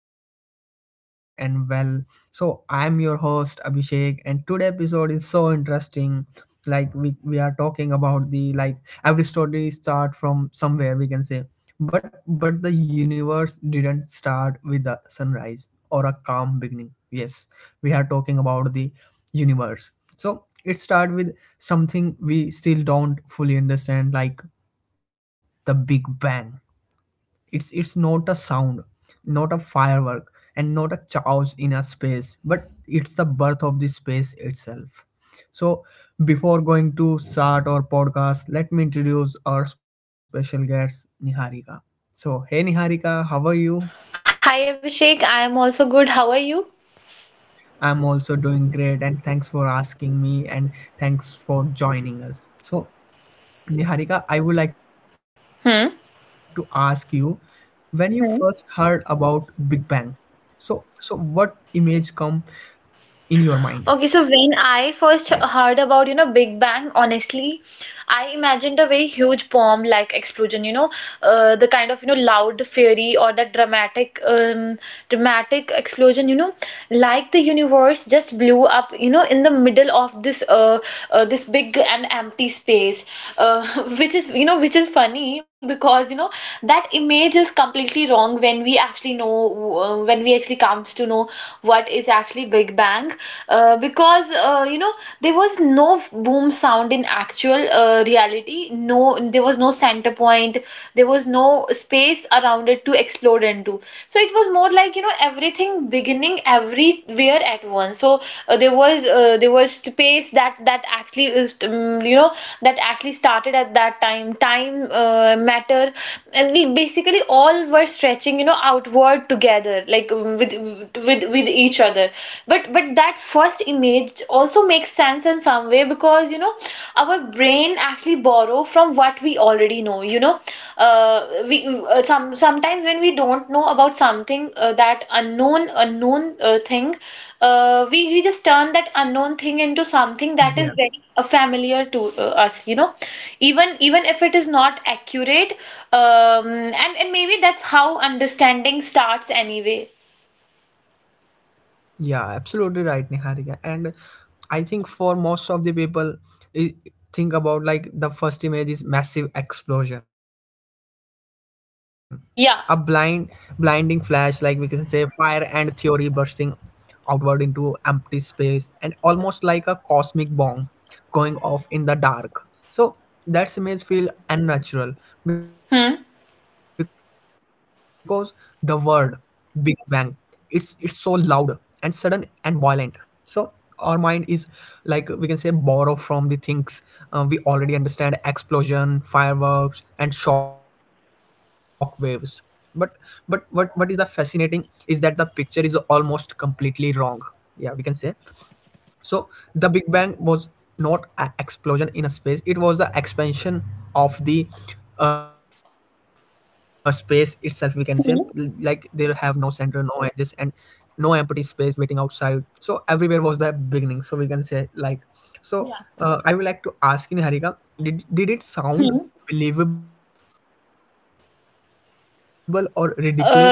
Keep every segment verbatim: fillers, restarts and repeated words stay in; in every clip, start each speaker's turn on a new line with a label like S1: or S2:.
S1: hope you are safe and well. So, I'm your host Abhishek, and today episode is so interesting. Like we we are talking about the like every story start from somewhere we can say, but but the universe didn't start with a sunrise or a calm beginning. Yes, we are talking about the universe. So it starts with something we still don't fully understand, like the Big Bang. It's it's not a sound, not a firework, and not a chaos in a space, but it's the birth of the space itself. So before going to start our podcast, let me introduce our special guest Niharika. So hey Niharika, how are you?
S2: Hi Abhishek, I am also good. How are you?
S1: I'm also doing great and thanks for asking me and thanks for joining us. So Niharika, I would like
S2: Hmm.
S1: to ask you when you
S2: Hmm.
S1: first heard about Big Bang. So so what image come in your
S2: Okay, so
S1: mind?
S2: when I first heard
S1: Yeah.
S2: about, you know, Big Bang, honestly, I imagined a very huge bomb like explosion, you know, uh, the kind of, you know, loud fury or that dramatic um, dramatic explosion, you know like the universe just blew up, you know in the middle of this uh, uh this big and empty space, uh, which is you know which is funny because you know that image is completely wrong when we actually know, uh, when we actually comes to know what is actually Big Bang, uh, because uh, you know there was no boom sound in actual uh, reality. No, there was no sound center point. There was no space around it to explode into. So it was more like, you know, everything beginning everywhere at once. So uh, there was uh, there was space that that actually is, um, you know that actually started at that time. Time, uh, matter, and we basically all were stretching, you know, outward together, like, um, with with with each other. But but that first image also makes sense in some way because you know our brain actually borrow from what we already know, you know uh, we uh, some sometimes when we don't know about something, uh, that unknown unknown uh, thing, uh, we we just turn that unknown thing into something that is very uh, familiar to uh,
S1: Yeah.
S2: us, you know even even if it is not accurate. Um, and and maybe that's how understanding starts anyway.
S1: Yeah, absolutely right, Niharika. And I think for most of the people i- think about like the first image is massive explosion.
S2: Yeah.
S1: A blind blinding flash like we can say fire and theory bursting outward into empty space and almost like a cosmic bomb going off in the dark. So that's image feel
S2: Hmm.
S1: unnatural because the word Big Bang, it's it's so loud and sudden and violent. So our mind is like we can say borrow from the things uh, we already understand explosion fireworks and shock waves but but what what is the fascinating is that the picture is almost completely wrong, yeah, we can say. So the Big Bang was not an explosion in a space; it was the expansion of the uh, space itself. We
S2: Hmm.
S1: can say, L- like there have no center, no edges, and no empty space waiting outside. So everywhere was the beginning. So we can say
S2: Yeah.
S1: like so. Uh, I would like to ask you, Harika, did did it
S2: Hmm.
S1: sound believable or ridiculous to you as a kid?
S2: Uh.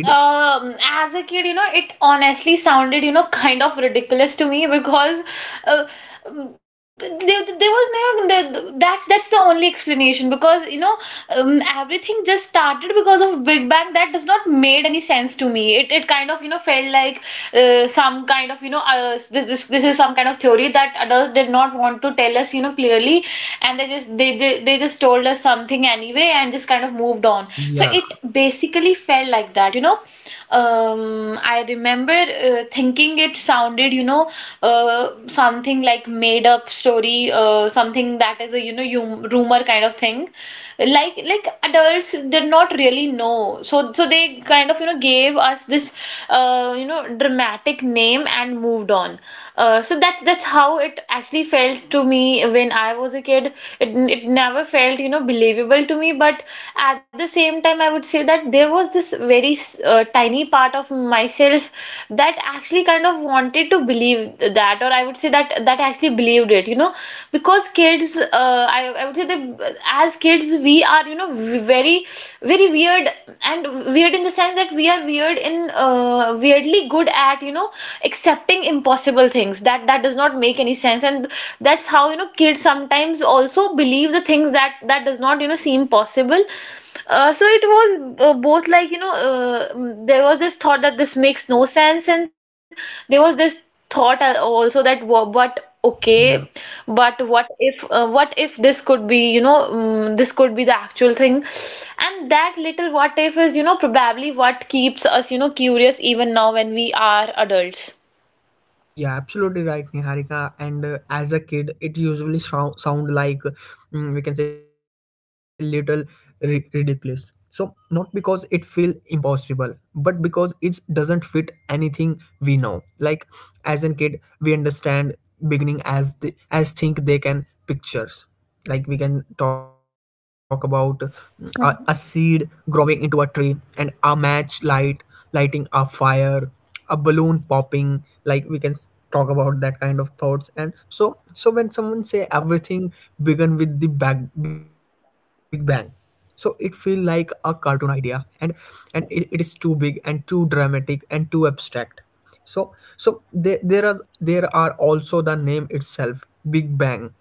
S2: Um, as a kid, you know, it honestly sounded, you know, kind of ridiculous to me because uh, th- there, there was no th- that's that's the only explanation because
S1: Yeah,
S2: you know um, everything just started because of Big Bang. That does not made any sense to me. It it kind of, you know felt like uh, some kind of, you know uh, this this this is some kind of theory that adults did not want to tell us, you know clearly, and they just they they, they just
S1: yeah,
S2: told us something anyway and just kind of have moved on. So it basically felt like that, you know. Um, I remember uh, thinking it sounded, you know, uh, something like made up story, uh, something that is a, you know, you rumor kind of thing. Like like adults did not really know. So so they kind of, you know, gave us this, uh, you know, dramatic name and moved on. Uh, so that's that's how it actually felt to me when I was a kid. it, it never felt, you know believable to me, but at the same time I would say that there was this very uh, tiny part of myself that actually kind of wanted to believe that. Or I would say that that actually believed it, you know because kids, uh, I, I would say that as kids we are, you know
S1: yeah,
S2: very very weird, and weird in the sense that we are weird in uh, weirdly good at, you know accepting impossible things that that does not make any sense. And that's how, you know kids sometimes also believe the things that that does not, you know seem possible. Uh, so it was uh, both like, you know uh, mm, there was this thought that this makes no sense, and there was this thought, uh, also, that wha- but
S1: yeah.
S2: okay, but what if, uh, what if this could be, you know mm this could be the actual thing. And that little what if is, you know probably what keeps us, you know curious even now when we are adults.
S1: Yeah, absolutely right, Niharika. And uh, as a kid, it usually sou- sound like mm, we can say little, ri- ridiculous. So not because it feels impossible, but because it doesn't fit anything we know. Like as a kid, we understand beginning as the as think they can pictures. Like we can talk about mm, a, a seed growing into a tree and a match light lighting a fire, a balloon popping, like we can s- talk about that kind of thoughts. And so so when someone say everything began with the bag, big bang, so it feel like a cartoon idea, and and it, it is too big and too dramatic and too abstract. So so there there are, there are also the name itself, big bang.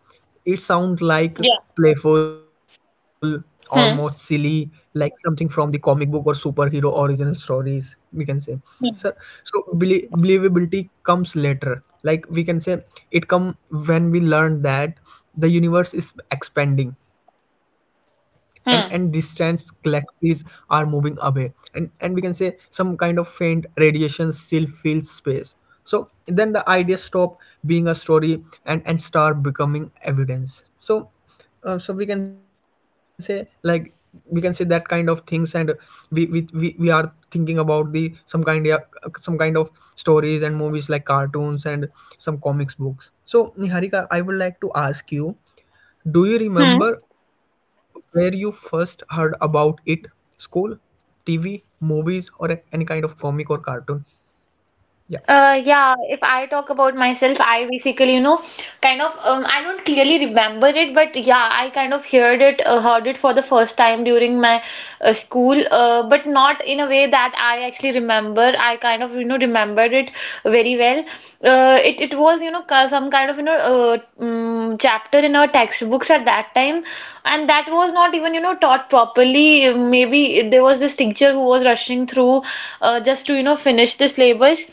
S1: It sounds like
S2: Yeah.
S1: playful, almost silly,
S2: Hmm.
S1: like something from the comic book or superhero original stories, we can say. So,
S2: Hmm.
S1: so belie- believability comes later. Like we can say, it come when we learn that the universe is expanding, and and distant
S2: Hmm.
S1: galaxies are moving away, and and we can say some kind of faint radiation still fills space. So then the idea stop being a story and and start becoming evidence. So uh, so we can say like, we can say that kind of things, and we we we, we are thinking about the some kind of some kind of stories and movies like cartoons and some comics books. So Niharika, I would like to ask you, do you
S2: Hmm.
S1: remember where you first heard about it? School, T V, movies, or a- any kind of comic or cartoon? Yeah.
S2: Uh, yeah, if I talk about myself, I basically, you know, kind of, um, I don't clearly remember it, but yeah, I kind of heard it, uh, heard it for the first time during my uh, school, uh, but not in a way that I actually remember. I kind of, you know, remembered it very well. Uh, it, it was, you know, ca- some kind of, you know, uh, um, chapter in our textbooks at that time, and that was not even, you know, taught properly. Maybe there was this teacher who was rushing through to uh, just to, you know finish the syllabus.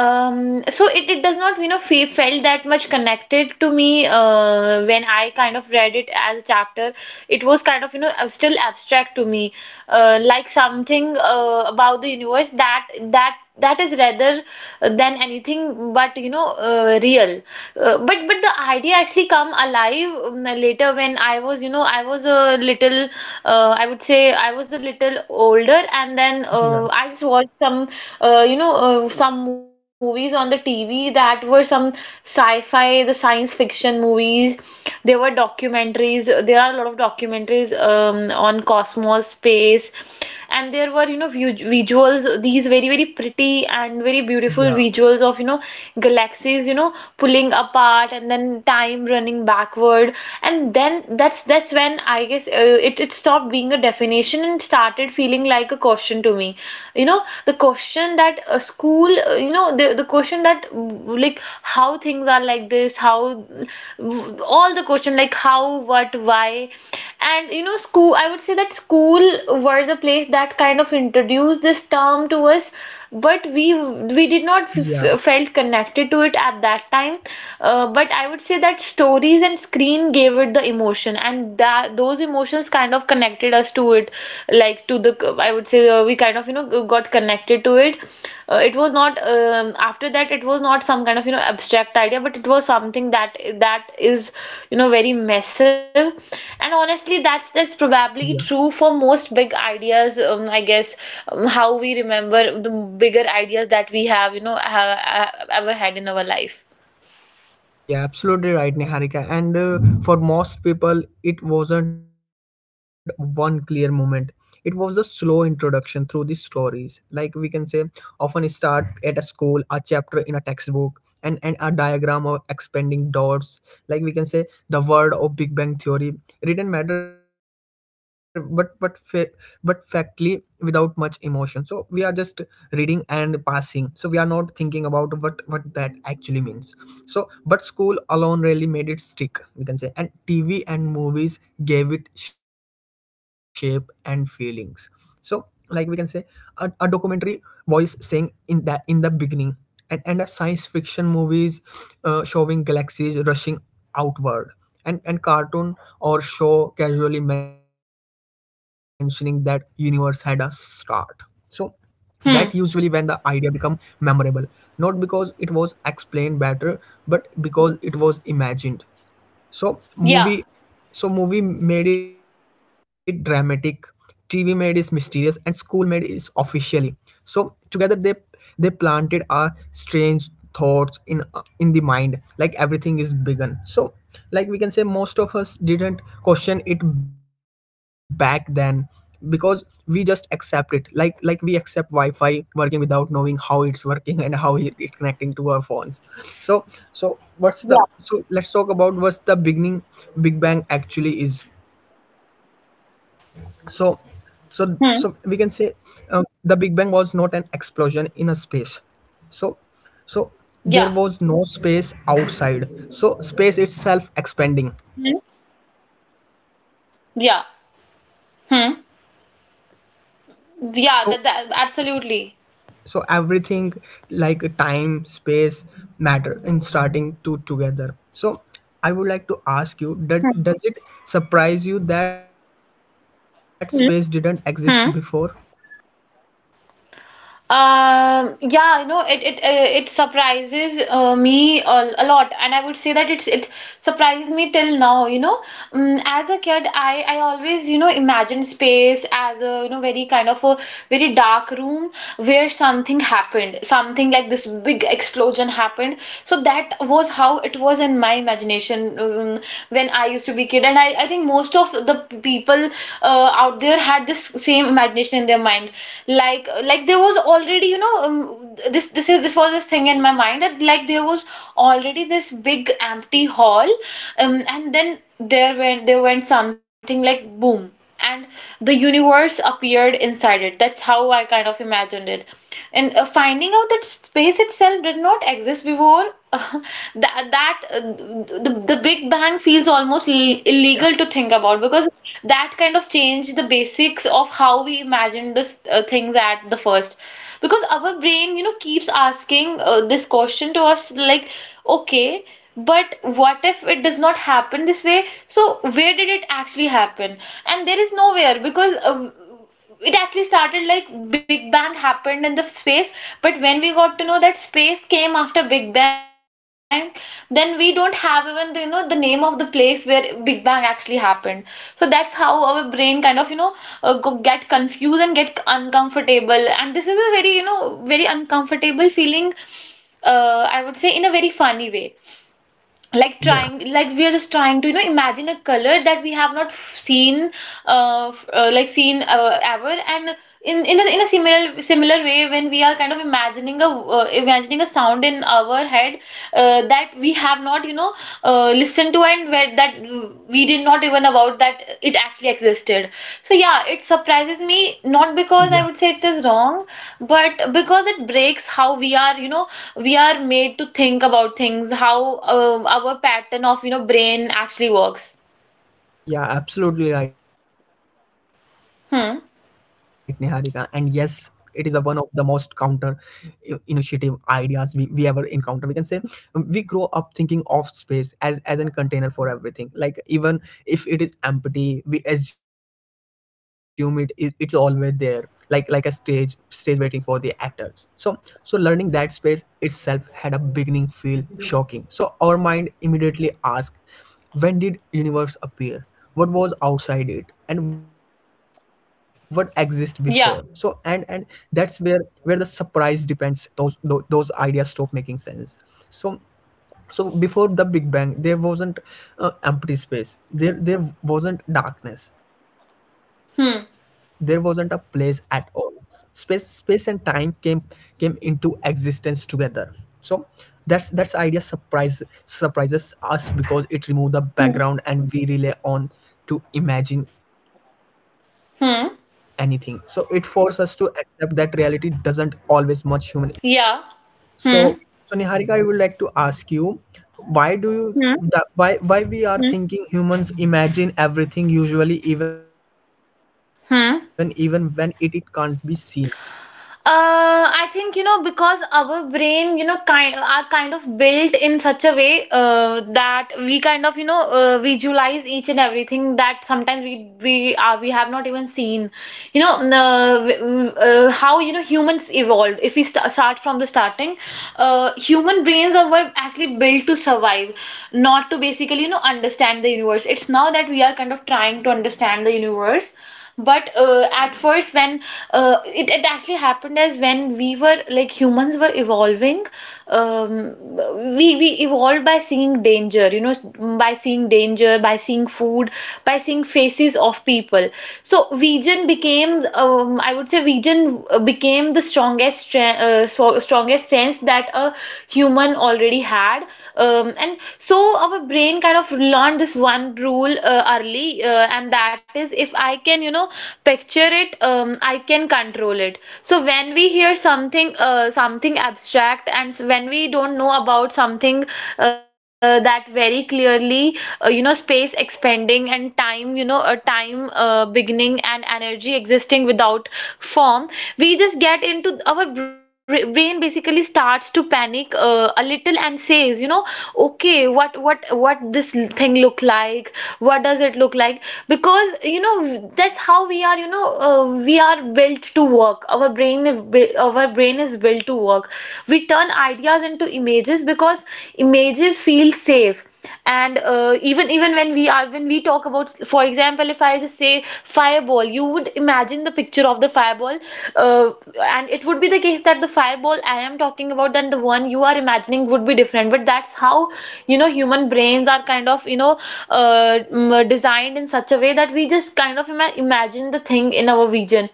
S2: um So it, it does not, you know fe felt that much connected to me uh, when I kind of read it as a chapter. It was kind of, you know uh, still abstract to me, uh, like something uh, about the universe that that that is rather uh, than anything but, you know uh, real. Uh, but but the idea actually come alive, um, later when I was, you know I was a little, uh, I would say I was a little older, and then uh,
S1: Yeah,
S2: I just watched some uh, you know uh, some movies on the T V that were some sci-fi, the science fiction movies. There were documentaries. There are a lot of documentaries, um, on cosmos space. And there were, you know vu- visuals, these very very pretty and very beautiful
S1: yeah,
S2: visuals of, you know galaxies, you know pulling apart, and then time running backward. And then that's that's when I guess, uh, it it stopped being a definition and started feeling like a question to me, you know the question that a school, uh, you know the, the question that w- like how things are like this, how, all the question like how, what, why. And you know, school, I would say that school were the place that kind of introduced this term to us, but we we did not f
S1: yeah,
S2: f- felt connected to it at that time. Uh, but I would say that stories and screen gave it the emotion, and that those emotions kind of connected us to it, like to the, I would say uh, we kind of, you know got connected to it. Uh, it was not, um, after that, it was not some kind of, you know abstract idea, but it was something that that is, you know very massive. And honestly
S1: yeah,
S2: that's that's probably true for most big ideas, um, I guess, um, how we remember the bigger ideas that we have, you know have, have ever had in our life.
S1: yeah, absolutely right, Niharika. And uh, for most people, it wasn't one clear moment. It was a slow introduction through the stories. Like we can say, often start at a school, a chapter in a textbook, and and a diagram of expanding dots, like we can say the word of big bang theory written matter, but but fa- but factly without much emotion. So we are just reading and passing, so we are not thinking about what what that actually means. So but school alone really made it stick, we can say, and tv and movies gave it shape and feelings. So like we can say, a, a documentary voice saying in that in the beginning, and, and a science fiction movies uh, showing galaxies rushing outward, and, and cartoon or show casually mentioning that universe had a start. So that usually when the
S2: Hmm.
S1: idea become memorable, not because it was explained better but because it was imagined. So
S2: Yeah.
S1: movie, so movie made it dramatic, T V made it mysterious, and school made it officially. So together they they planted our strange thoughts in in the mind, like everything is begun. So like we can say, most of us didn't question it back then because we just accept it like like we accept wi-fi working without knowing how it's working and how it, it connecting to our phones. So so what's the
S2: Yeah.
S1: so let's talk about what's the beginning big bang actually is. So so so we can say um,
S2: Hmm.
S1: the big bang was not an explosion in a space. So so there
S2: Yeah.
S1: was no space outside, so space itself expanding.
S2: Hmm. Yeah. Hmm. Yeah, that,
S1: So
S2: that absolutely.
S1: so everything like time space matter in starting to together. So I would like to ask you that
S2: Hmm.
S1: does it surprise you that space didn't exist before?
S2: Hmm. Hmm. Um, yeah, you know, it it uh, it surprises uh, me a, a lot, and I would say that it's it surprises me till now. You know, um, as a kid, I I always, you know imagined space as a, you know very kind of a very dark room where something happened, something like this big explosion happened. So that was how it was in my imagination, um, when when I used to be a kid. And I, I think most of the people uh, out there had this same imagination in their mind, like like there was already, you know um, this this is this was this thing in my mind that like there was already this big empty hall, um, and then there went there went something like boom, and the universe appeared inside it. That's how I kind of imagined it. And uh, finding out that space itself did not exist before, that that uh, the, the Big Bang feels almost l-
S1: Yeah,
S2: illegal to think about because that kind of changed the basics of how we imagined this uh, things at the first, because our brain, you know keeps asking uh, this question to us, like, okay, but what if it does not happen this way, so where did it actually happen? And there is nowhere, because uh, it actually started like Big Bang happened in the space. But when we got to know that space came after Big Bang, then we don't have even the, you know, the name of the place where Big Bang actually happened. So that's how our brain kind of, you know uh, go, get confused and get uncomfortable. And this is a very, you know very uncomfortable feeling, uh, I would say, in a very funny way. Like
S1: yeah,
S2: trying, like we are just trying to, you know imagine a color that we have not f- seen uh, f- uh like seen uh, ever. And in in a, in a similar similar way, when we are kind of imagining a, uh, imagining a sound in our head, uh, that we have not, you know uh, listened to, end where that we did not even about that it actually existed. So
S1: yeah.
S2: yeah, it surprises me. Not because I would say it is wrong, but because it breaks how we are, you know we are made to think about things, how, um, our pattern of, you know brain actually works.
S1: Yeah, absolutely right, Niharika. And yes, it is the one
S2: Hmm.
S1: of the most counter i- initiative ideas we we ever encounter. We can say um, we grow up thinking of space as as an container for everything. Like even if it is empty, we assume it is, it's always there. Like like a stage
S2: Hmm.
S1: stage waiting for the actors. So so learning that space itself had a beginning feel shocking. So our mind immediately asked, when did universe appear, what was outside it, and what exists before? So and and that's
S2: Yeah.
S1: where where the surprise depends. Those tho- those ideas stop making sense. So so before the big bang there wasn't uh, empty space, there there wasn't darkness, there wasn't a place at
S2: Hmm.
S1: all. Space space and time came came into existence together. So that's that's idea surprise surprises us because it removes the background
S2: Hmm.
S1: and we rely on to imagine anything. So it forces us to
S2: Hmm.
S1: accept that reality doesn't always match human.
S2: Yeah.
S1: So,
S2: Hmm.
S1: so Niharika, I would like to ask you, why do you
S2: Hmm.
S1: that, why why we are
S2: Hmm.
S1: thinking humans imagine everything usually even even when it, it can't be
S2: Hmm.
S1: seen?
S2: Uh, I think you know because our brain, you know, kind are kind of built in such a way uh, that we kind of you know uh, visualize each and everything that sometimes we we are we have not even seen. You know uh, w- w- uh, how, you know, humans evolved. If we st start from the starting, uh, human brains are were actually built to survive, not to basically, you know, understand the universe. It's now that we are kind of trying to understand the universe, but uh, at first when uh, it, it actually happened as when we were, like, humans were evolving. um, we we evolved by seeing danger, you know, by seeing danger, by seeing food, by seeing faces of people. So vegan became, um, I would say, vegan became the strongest stre- uh, so- strongest sense that a human already had. Um, and so our brain kind of learned this one rule uh, uh, early, uh, and that is, if I can, you know, picture it, um, I can control it. So when we hear something, uh, something abstract, and s- when we don't know about something, uh, that very clearly, uh, you know, space expanding, and time, you know, a time uh, beginning, and energy existing without form, we just get into our bra- brain basically starts to panic uh, a little and says, you know, okay, what what what this this thing look like, what does it look like, because, you know, that's how we are, you know, uh, we are built to work our brain, our brain is built to work. We turn ideas into images because images feel safe. And uh, even even when we are, when we talk about, for example, if I just say fireball, you would imagine the picture of the fireball. uh, and it would be the case that the fireball I am talking about and the one you are imagining would be different, but that's how, you know, human brains are kind of, you know, uh, mm, designed in such a way that we just kind of ima- imagine the thing in our
S1: Yeah,
S2: vision.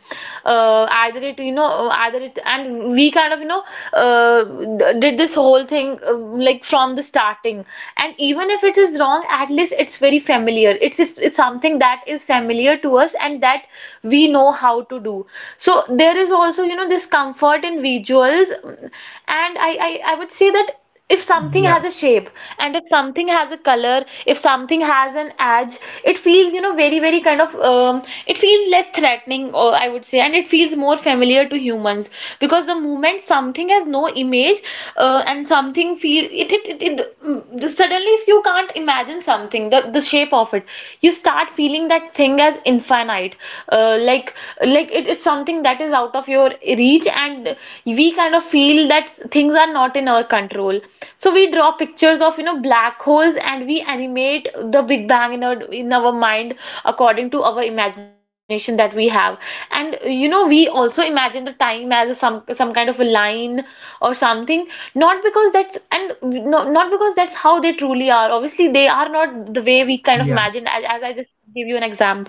S2: uh, Either it, you know, uh, either it, and we kind of, you know, uh, did this whole thing, uh, like, from the starting. And even if it is wrong, at least it's very familiar. It's, it's it's something that is familiar to us and that we know how to do. So there is also, you know, this comfort in visual circles. And I, I i would say that if something
S1: yeah,
S2: has a shape, and if something has a color, if something has an edge, it feels, you know, very, very kind of, um, it feels less threatening, or I would say, and it feels more familiar to humans. Because the moment something has no image, uh, and something feel it it, it, it mm, suddenly, if you can't imagine something, the, the shape of it, you start feeling that thing as infinite. uh, like like it, it's something, something that is out of your reach. And we kind of feel that things are not in our control. So we draw pictures of, you know, black holes, and we animate the big bang in our in our mind according to our imagination that we have. And, you know, we also imagine the time as a some some kind of a line or something. Not because that's and No, not because that's how they truly are. Obviously, they are not the way we kind of
S1: yeah.
S2: imagined, as, as I just give you an example.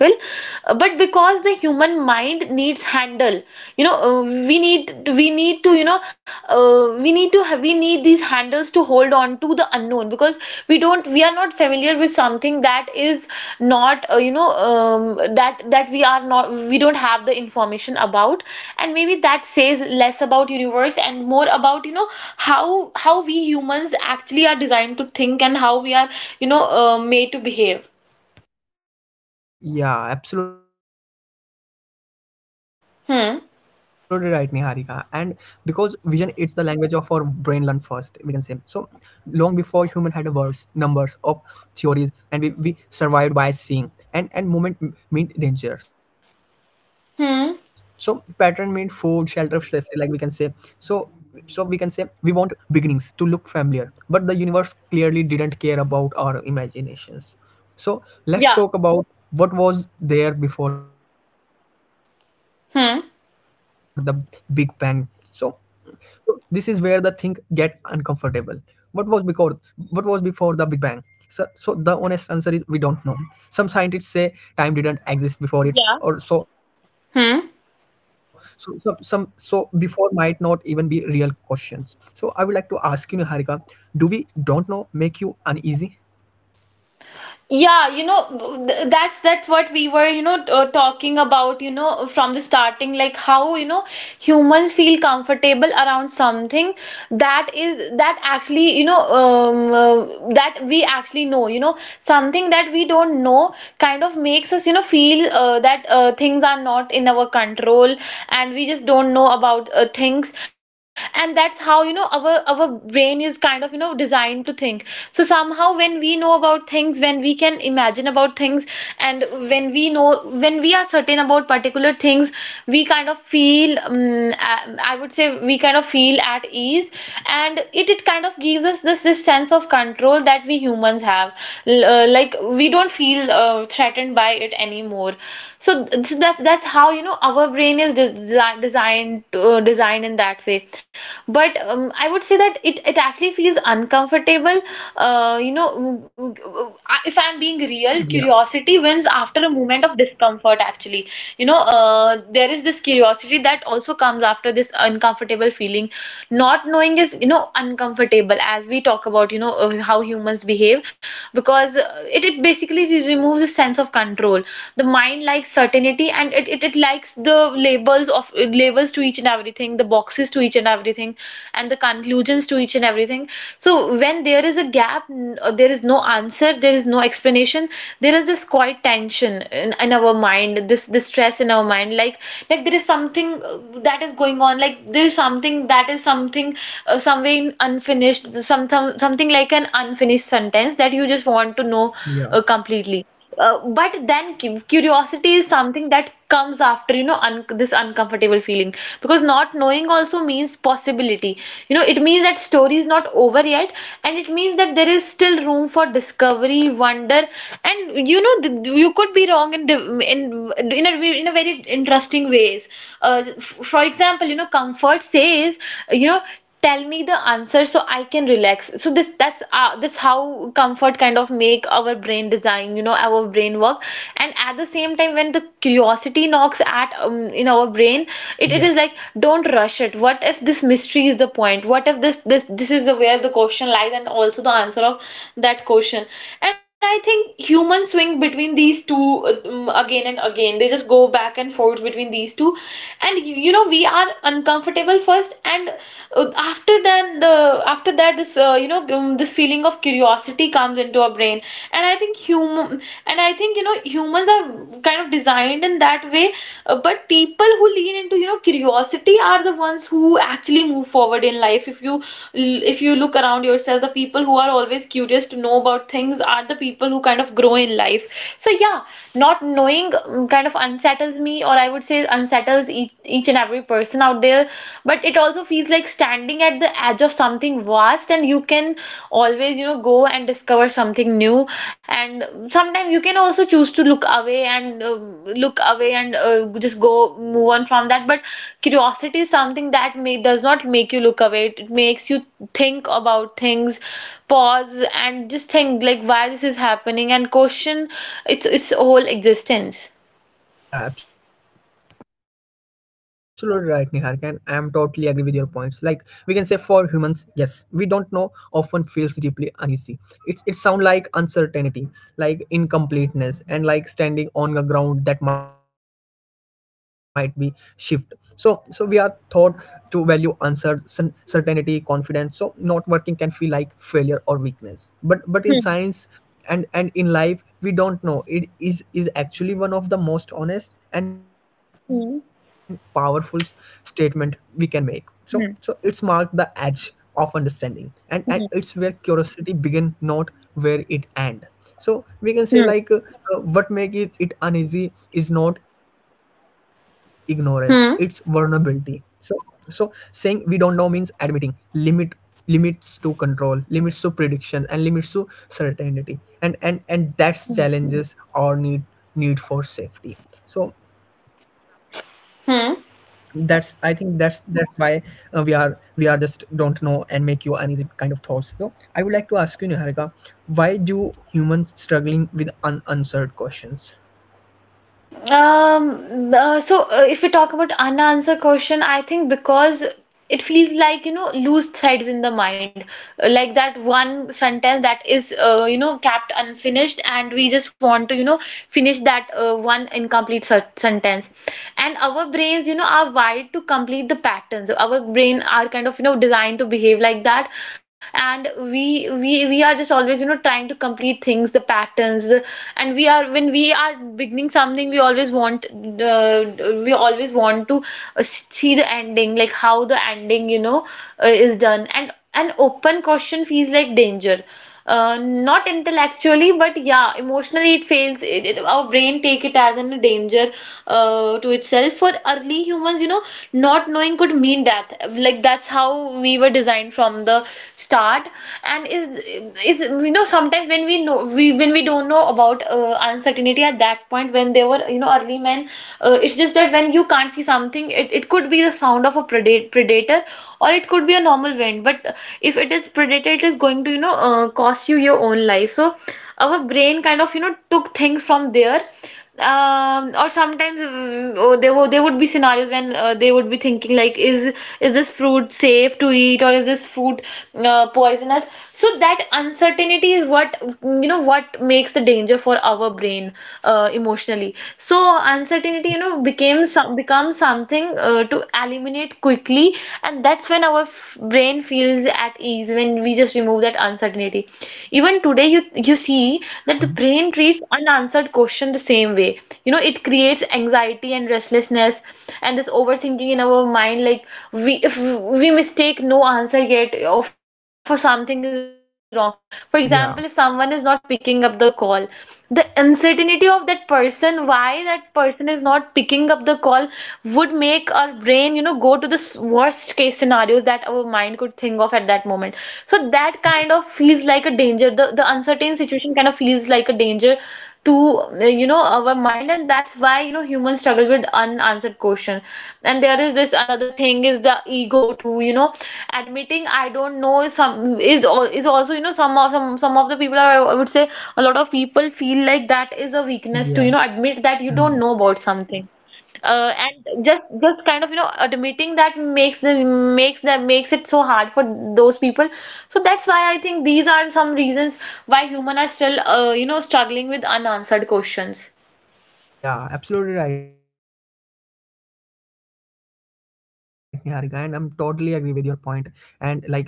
S2: Uh, but because the human mind needs handle, you know, uh, we need we need to, you know, uh, we need to have we need these handles to hold on to the unknown. Because we don't, we are not familiar with something that is not, uh, you know, um, that, that we are not, we don't have the information about. And maybe that says less about universe and more about, you know, how how we humans actually are designed to think, and how we are, you know, uh, made to behave.
S1: Yeah, absolutely right, Niharika. And because vision it's
S2: Hmm.
S1: the language of our brain learned first, we can say. So long before human had a words, numbers of theories, and we, we survived by seeing. And and movement m- meant dangers. So pattern meant food,
S2: Hmm.
S1: shelter, safety, like we can say. So so we can say we want beginnings to look familiar, but the universe clearly didn't care about our imaginations.
S2: Yeah.
S1: So let's talk about what was there before the Big
S2: Hmm.
S1: Bang. So, so this is where the thing get uncomfortable. What was before? What was before the Big Bang? So, so the honest answer is we don't know. Some scientists say time didn't
S2: Yeah.
S1: exist before it, or
S2: Hmm.
S1: so. So some, some so before might not even be real questions. So I would like to ask you, Niharika, do we don't know make you uneasy?
S2: Yeah, you know, th- that's that's what we were, you know, uh, talking about, you know, from the starting, like how, you know, humans feel comfortable around something that is, that actually, you know, um, uh, that we actually know. You know, something that we don't know kind of makes us, you know, feel uh, that, uh, things are not in our control, and we just don't know about, uh, things. And that's how, you know, our our our brain is kind of, you know, designed to think. So somehow, when we know about things, when we can imagine about things, and when we know, when we are certain about particular things, we kind of feel, um, I, I would say, we kind of feel at ease. And it it kind of gives us this this sense of control that we humans have. L- uh, like, we don't feel uh, threatened by it anymore. So, so that that's how, you know, our brain is desi designed, uh, designed in that way. But um, I would say that it it actually feels uncomfortable. Uh, you know, w- w- I- if I'm being real, curiosity wins after a moment of
S1: Yeah,
S2: discomfort, actually. You know, uh, there is this curiosity that also comes after this uncomfortable feeling. Not knowing is, you know, uncomfortable, as we talk about, you know, uh, how humans behave. Because uh, it, it basically re- removes a sense of control. The mind likes certainty, and it, it, it likes the labels of, uh, labels to each and everything, the boxes to each and everything, and the conclusions to each and everything. So when there is a gap, n- uh, there is no answer, there is no explanation, there is this quiet tension in, in our mind, this this stress in our mind. like like there is something, uh, that is going on, like there is something that is something, uh, somewhere in unfinished, some some some something like an unfinished sentence that you just want to know uh, completely. Uh, but
S1: yeah,
S2: then cu- curiosity is something that comes after, you know, un this uncomfortable feeling. Because not knowing also means possibility. You know, it means that story is not over yet, and it means that there is still room for discovery, wonder, and you know, th- th- you could be wrong in div- in in a ve- in a very interesting ways. Uh, f- for example, you know, comfort says, you know, tell me the answer so I can relax. So this, that's uh, that's how comfort kind of make our brain design, you know, our brain work. And at the same time, when the curiosity knocks at, um, in our
S1: yeah.
S2: brain, it, it is like, don't rush it. What if this mystery is the point? What if this this this is the where the question lies, and also the answer of that question? And I think humans swing between these two, uh, um, again and again. They just go back and forth between these two, and you, you know, we are uncomfortable
S1: Yeah,
S2: uncomfortable first, and uh, after then the, after that this, uh, you know, um, this feeling of curiosity comes into our brain. And i think human and I think, you know, humans are kind of designed in that way. Uh, but people who lean into, you know, curiosity are the ones who actually move forward in life. If you, if you look around yourself, the people who are always curious to know about things are the people who kind of grow in life. So yeah, not knowing um, kind of unsettles me, or I would say unsettles each, each and every person out there. But it also feels like standing at the edge of something vast, and you can always, you know, go and discover something new. And sometimes you can also choose to look away, and uh, look away and uh, just go, move on from that. But curiosity is something that may does not make you look away. It it makes you think about things, pause, and just think, like, why this is happening, and question its its whole existence.
S1: yeah, absolutely right, Niharika. And I'm totally agree with your points. Like we can say for humans, yes, we don't know often feels deeply uneasy. It's it sound like uncertainty, like incompleteness, and like standing on a ground that might be shift. So so we are taught to value uncertain certainty, confidence. So not working can feel like failure or weakness. But but in science and and in life we don't know it is is actually one of the most honest and powerful s-
S2: Hmm.
S1: statement we can make. So so it's marked the
S2: Hmm.
S1: edge of understanding, and, and it's where
S2: Hmm.
S1: curiosity begin, not where it end. So we can say like
S2: hmm.
S1: uh, uh, what make it, it uneasy is not ignorance, it's vulnerability.
S2: Hmm.
S1: So so saying we don't know means admitting limit, limits to control, limits to prediction, and limits to certainty, and and and that's challenges our need need for safety. So that's, I think that's
S2: hmm.
S1: that's why uh, we are, we are just don't know and make you uneasy kind of thoughts. So I would like to ask you Niharika, why do humans struggling with un- answered questions?
S2: Um, uh, so, uh, if we talk about unanswered question, I think because it feels like, you know, loose threads in the mind. Uh, like that one sentence that is, uh, you know, kept unfinished, and we just want to, you know, finish that, uh, one incomplete se- sentence. And our brains, you know, are wired to complete the patterns. Our brain are kind of, you know, designed to behave like that, and we we we are just always, you know, trying to complete things, the patterns, the, and we are when we are beginning something, we always always want the we always want to uh, see the ending, like how the ending, you know, uh, is done. And an open question feels like danger. Uh, not intellectually, but yeah, emotionally it fails. It, it- our brain take it as a danger uh, to itself. For early humans, you know, not knowing could mean death. Like that's how we were designed from the start. And is is You know, sometimes when we know we when we don't know about uh, uncertainty at that point when they were, you know, early men, uh, it's just that when you can't see something, it, it could be the sound of a predate, predator or it could be a normal wind, but uh, if it is predator it is going to, you know, uh, cost you your own life. So our brain kind of, you know, took things from there. Um or sometimes, mm, oh, there were there would be scenarios when uh, they would be thinking like, is is this fruit safe to eat or is this fruit uh, poisonous. So that uncertainty is what, mm, you know, what makes the danger for our brain, uh, emotionally. So so uncertainty, you know, became some becomes something uh, to eliminate quickly, and that's when our f- brain feels at ease when we just remove that uncertainty. Even today, you you see that the
S1: Mhm.
S2: brain treats unanswered question the same way. You know, it creates anxiety and restlessness, and this overthinking in our mind. Like we if we mistake no answer yet or for something is wrong. For example, if someone is
S1: Yeah,
S2: not picking up the call, the uncertainty of that person, why that person is not picking up the of the call, would make our brain, you know, go to the s- worst case scenarios that our mind could think of at that moment. So that kind of feels like a danger. The the uncertain situation kind of feels like a danger to, uh, you know, our mind. And that's why, you know, humans struggle with unanswered question. And there is this another thing is the ego too, you know. Admitting I don't know is some is al- is also, you know, some of some some of the people are, I would say, a lot of people feel like that is a
S1: yeah.
S2: weakness, to, you know, admit that you
S1: Mm.
S2: don't know about something, uh, and just just kind of, you know, admitting that makes them makes them makes it so hard for those people. So that's why I think these are some reasons why human are still, uh, you know, struggling with unanswered questions.
S1: Yeah, absolutely right, Niharika, and I'm totally agree with your point. And like we can say, our brain i- is curious.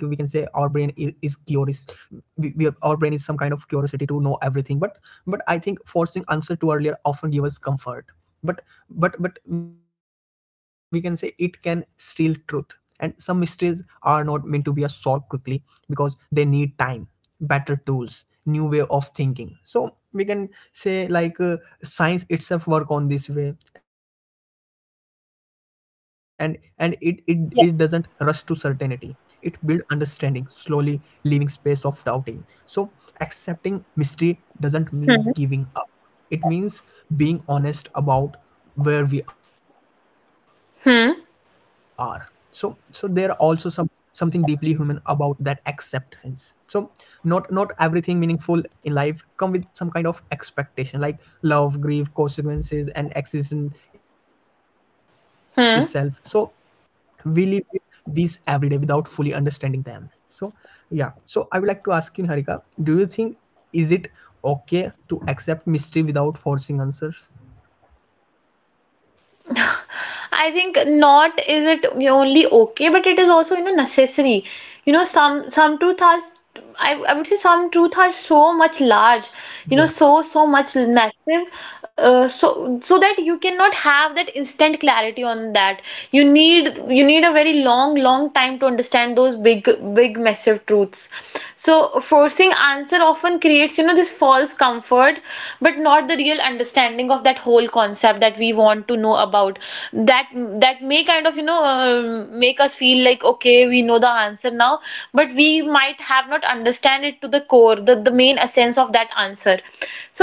S1: We, we Our brain is some kind of curiosity to know everything, but but I think forcing answer too earlier often give us comfort, but but but we can say it can steal truth. And some mysteries are not meant to be a solved quickly because they need time, better tools, new way of thinking. So we can say, like, uh, science itself work on this way, and and it, it it doesn't rush to certainty. It builds
S2: Yeah.
S1: understanding slowly, leaving space of doubting. So accepting mystery doesn't mean giving up,
S2: Hmm.
S1: it means being honest about where we are. So so there are also some
S2: Hmm.
S1: something deeply human about that acceptance. So not not everything meaningful in life come with some kind of expectation, like love, grief, consequences, and existence itself. So we live with
S2: Hmm.
S1: these every day without fully understanding them. So, yeah, so I would like to ask you, Niharika, do you think, is it okay to accept mystery without forcing answers?
S2: I think not is it only okay, but it is also, you know, necessary. You know some some truth has, I, I would say some truth are so much large, you know,
S1: Yeah.
S2: so so much massive, uh, so so that you cannot have that instant clarity on that. You need you need a very long long time to understand those big big massive truths. So forcing answer often creates, you know, this false comfort, but not the real understanding of that whole concept that we we want to know about that. That may kind of, you know, um, make us feel like okay, we know the answer now, but we might have not understand it to the core, the, the main essence of that answer.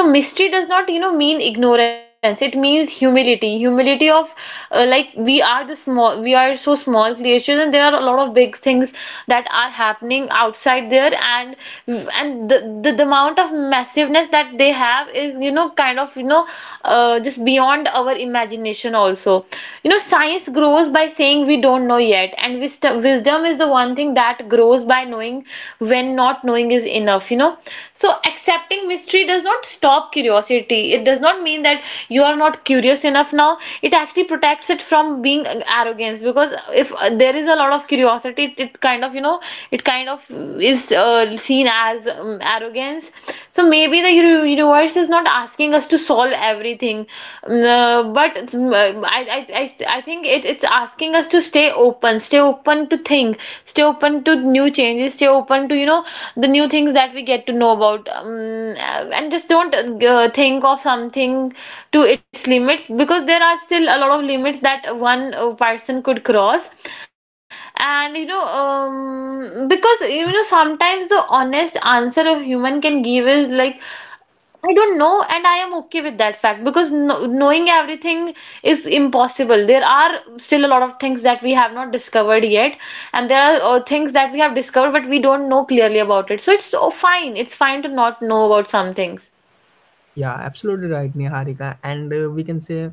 S2: So mystery does not, you know, mean ignorance, it means humility. Humility of, uh, like we are the small we are so small creatures, and there are a lot of big things that are happening outside there. And and the, the, the amount of massiveness that they have is, you know, kind of, you know uh, just beyond our imagination also. You know, science grows by saying we don't know yet, and wisdom wisdom is the one thing that grows by knowing when not knowing is enough, you know. So accepting mystery does not stop curiosity, it does not mean that you are not curious enough now. It actually protects it from being arrogance, because if, uh, there is a lot of curiosity, it, it kind of, you know, it kind of is, uh, seen as, um, arrogance. So maybe the uni- universe is not asking us to solve everything, mm, uh, but mm, uh, I, I, I, I think it, it's asking us to stay open, stay open to think, stay open to new changes, stay open to, you know, the new things that we get to know about. Um, uh, and just don't, uh, think of something to its limits, because there are still a lot of limits that one, uh, person could cross. And you know, um because, you know, sometimes the honest answer a human can give is like, I don't know, and I am okay with that fact. Because no, knowing everything is impossible. There are still a lot of things that we have not discovered yet, and there are, uh, things that we have discovered but we don't know clearly about it. So it's so fine. It's fine to not know about some things.
S1: Yeah, absolutely right, Niharika. And uh, we can say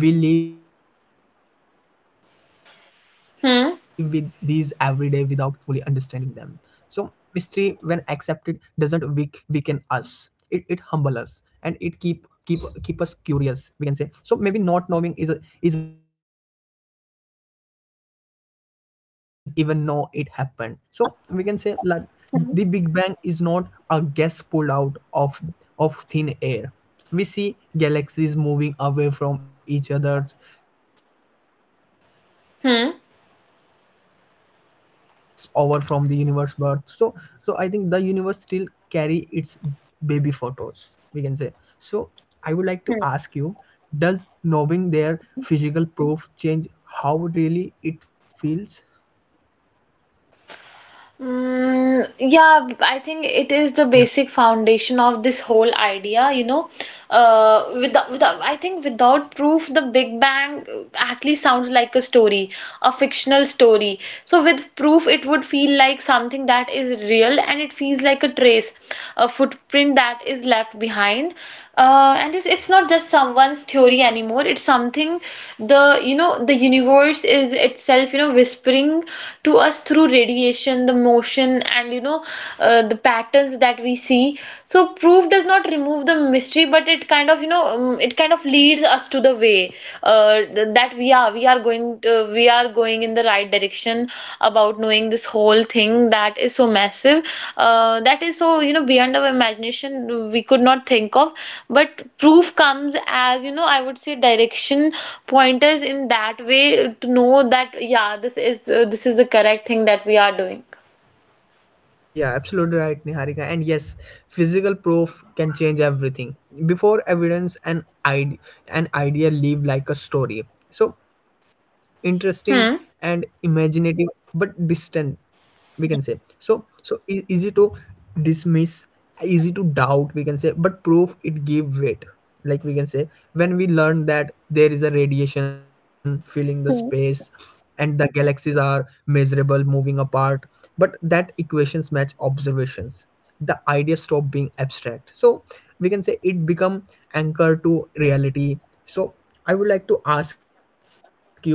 S1: we live with these every day without fully understanding them.
S2: Hmm.
S1: So, mystery, when accepted, doesn't weak, weaken us. It, it humble us, and it keep keep keep us curious, we can say. So maybe not knowing is a, is part of the design. So let's talk about the how do we even know it happened. So we
S2: Yeah.
S1: can say, like, the
S2: Hmm.
S1: Big Bang is not a gas pulled out of, of thin air. We see galaxies moving away from each other, space stretching, and
S2: Hmm.
S1: he, he, heat left over from the universe birth. So, so I think the universe still carry its baby photos, we can say. So I would like to ask you: does knowing their physical proof change how really it feels?
S2: Mm, yeah, I think it is the
S1: Yeah.
S2: basic foundation of this whole idea, you know. Uh, without, without, I think without proof, the Big Bang, uh, actually sounds like a story, a fictional story. So with proof, it would feel like something that is real, and it feels like a trace, a footprint that is left behind behind uh, and it's, it's not just someone's theory anymore. It's something, the you know, the universe is itself, you know, whispering to us through radiation, the motion, and you know, uh, the patterns that we see. So proof does not remove the mystery, but it kind of, you know, um, it kind of leads us to the way, uh, that yeah, we are going to, we are going in the right direction about knowing this whole thing that is so massive, uh, that is, so you know, beyond our imagination, we could not think of. But proof comes as, you know, I would say direction pointers in that way, to know that yeah, this is, uh, this is the correct thing that we are doing.
S1: Yeah, absolutely right, Niharika. And yes, physical proof can change everything. Before evidence, an id an idea live like a story. So interesting and
S2: Hmm.
S1: imaginative, but distant, we can say. So so e- easy to dismiss, easy to doubt, we can say. But proof, it gave weight, like we can say, when we learn that there is a radiation filling the space
S2: Hmm.
S1: and the galaxies are measurable moving apart, but that equations match observations, the idea stop being abstract. So we can say it become anchor to reality. So I would like to ask you,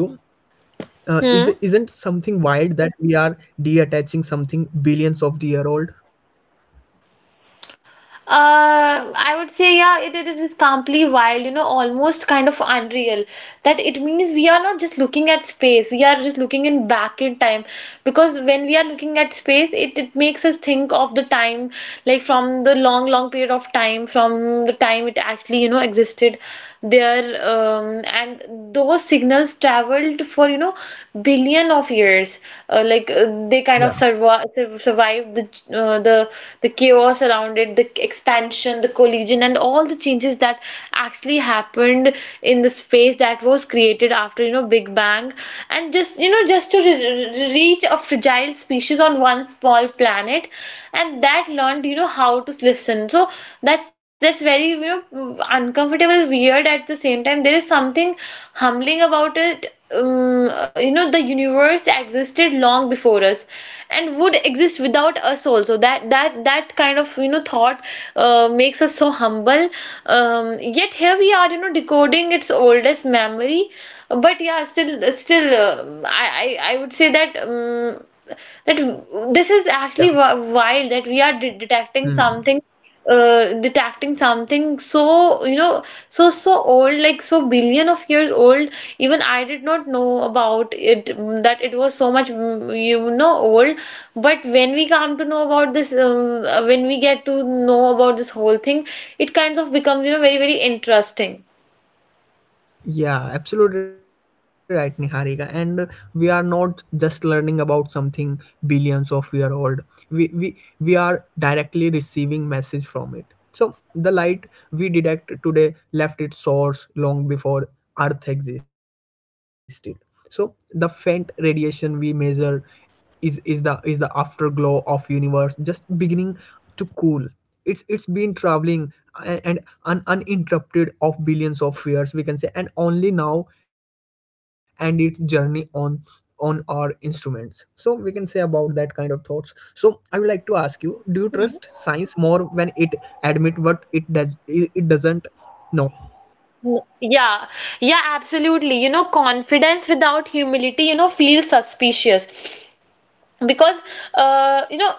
S1: uh,
S2: Hmm.
S1: is isn't something wild that we are detaching something billions of the year old?
S2: Uh, I would say, yeah, it, it is completely wild, you know, almost kind of unreal. That it means we are not just looking at space, we are just looking in back in time. Because when we are looking at space, it, it makes us think of the time, like from the long, long period of time, from the time it actually, you know, existed there. Um, and those signals traveled for, you know, billion of years, uh, like uh, they kind
S1: Yeah,
S2: of survive survived the ch- uh, the the chaos around it, the expansion, the collision, and all the changes that actually happened in the space that was created after, you know, Big Bang. And just, you know, just to re- re- reach a fragile species on one small planet, and that learned, you know, how to listen. so that's that's very, you know, uncomfortable weird. At the same time, there is something humbling about it, um, you know, the universe existed long before us and would exist without us also. That that that kind of, you know, thought, uh, makes us so humble. Um, yet here we are, you know, decoding its oldest memory. But yeah, still still uh, I, I I would say that, um, that this is
S1: yeah.
S2: actually wi- wild, that we are de- detecting
S1: Hmm.
S2: something, uh, detecting something so, you know, so so old, like so billion of years old. Even I did not know about it, mm, that it was so much, mm, you know, old. But when we come to know about this um, uh, when we get to know about this whole thing, it kind of becomes, you know, very very interesting.
S1: Yeah, absolutely right, Niharika. And uh, we are not just learning about something billions of year old. We we we are directly receiving message from it. So the light we detect today left its source long before Earth existed. So the faint radiation we measure is is the is the afterglow of universe just beginning to cool. It's it's been traveling and, and un, uninterrupted of billions of years, we can say, and only now and its journey on on our instruments, so we can say about that kind of thoughts. So I would like to ask you, do you trust science more when it admit what it does it it doesn't know?
S2: Yeah, yeah, absolutely. You know, confidence without humility, you know, feels suspicious. Because uh, you know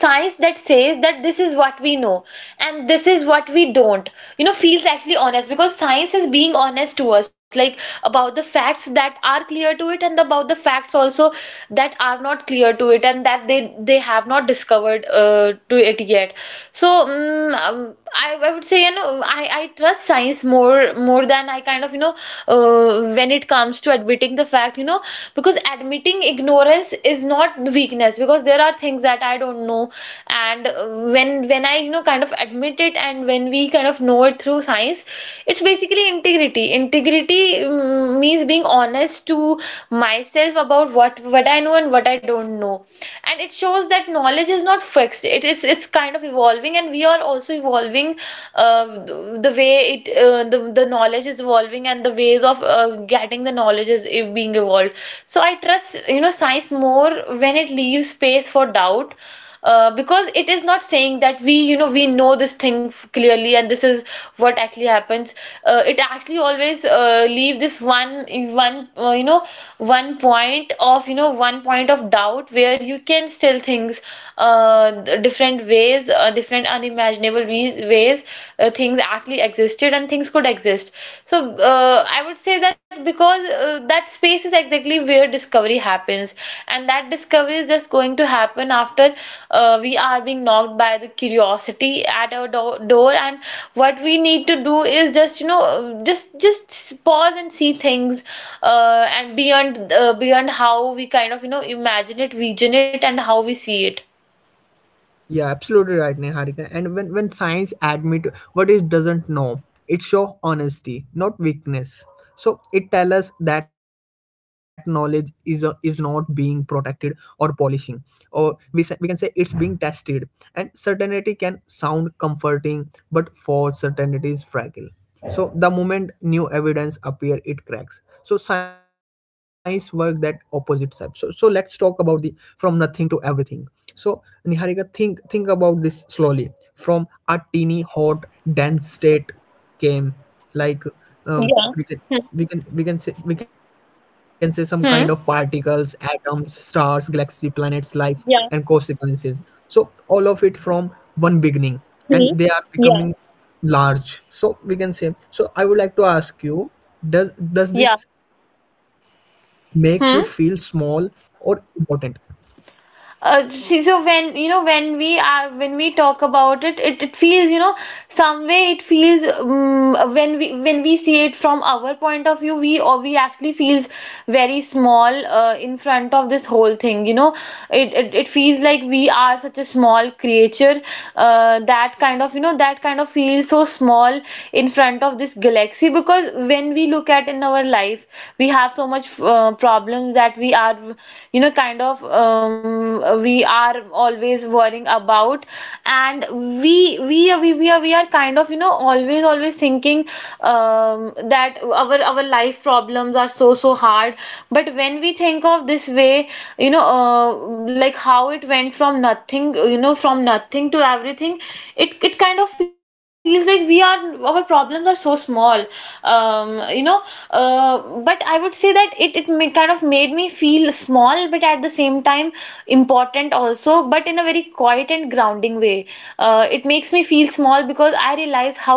S2: science that says that this is what we know and this is what we don't, you know, feels actually honest because science is being honest to us, like about the facts that are clear to it and about the facts also that are not clear to it and that they they have not discovered uh, to it yet. So mm, um, I, I would say, you know, I, I trust science more more than I kind of, you know, uh, when it comes to admitting, accepting the fact, you know, because admitting ignorance is not weakness, because there are things that I don't know. And uh, when when i you know kind of admit it and when we kind of know it through science, it's basically integrity. Integrity mm, means being honest to myself about what what I know and what I don't know. And it shows that knowledge is not fixed, it is, it's kind of evolving, and we are also evolving uh, the the way it uh, the, the the knowledge is evolving, and the ways of uh, getting the knowledge is e- being evolved. So I trust, you know, science more when it leaves space for doubt, uh, because it is not saying that we, you know, we know this thing f- clearly and this is what actually happens. Uh, it actually always uh, leave this one one uh, you know one point of you know one point of doubt where you can still things uh different ways uh, different unimaginable ways, ways uh, things actually existed and things could exist. So uh, I would say that, because uh, that space is exactly where discovery happens, and that that discovery is just going to happen after uh, we are being knocked by the curiosity at our do door. And what we need to do is just, you know, uh, just just pause and see things uh,
S1: Yeah.
S2: and beyond uh, beyond how we kind of, you know, imagine it, vision it, and how we see it.
S1: Yeah, absolutely right, Neharika. And when when science admit what it doesn't know, it show honesty, not weakness. So it tells us that knowledge is a, is not being protected or polishing, or we, sa- we can say it's being tested. And certainty can sound comforting, but false certainty is fragile, so the moment new evidence appear, it cracks. So science work that opposite side. So, so let's talk about the from nothing to everything. So, Niharika, think think about this slowly. From a teeny, hot, dense state came, like, um,
S2: Yeah.
S1: we can
S2: Hmm.
S1: we can we can say we can say some kind of
S2: Hmm.
S1: particles, atoms, stars, galaxy, planets, life, and
S2: Yeah.
S1: consequences. So all of it from one beginning, and
S2: Hmm.
S1: they are
S2: Yeah.
S1: becoming large, so we can say. So I would like to ask you, does does
S2: Yeah.
S1: this make you feel small or
S2: Hmm.
S1: important?
S2: Uh, see, so when you know when we are when we talk about it, it, it feels, you know, some way it feels, um, when we when we see it from our point of view, we, or we actually feels very small uh, in front of this whole thing. You know, it, it it feels like we are such a small creature uh, that kind of, you know, that kind of feels so small in front of this galaxy, because when we look at in our life we have so much uh, problems that we are, you know, kind of um, we are always worrying about. And we we are we, we are we are kind of, you know, always always thinking um, that our our life problems are so so hard. But when we think of this way, you know, uh, like how it went from nothing, you know, from nothing, everything to everything, it it kind of feels like we are, our problems are so small. um you know uh, but I would say that it it may kind of made me feel small, but at the same time important also, but in a very quiet and grounding way. Uh, it makes me feel small because I realize how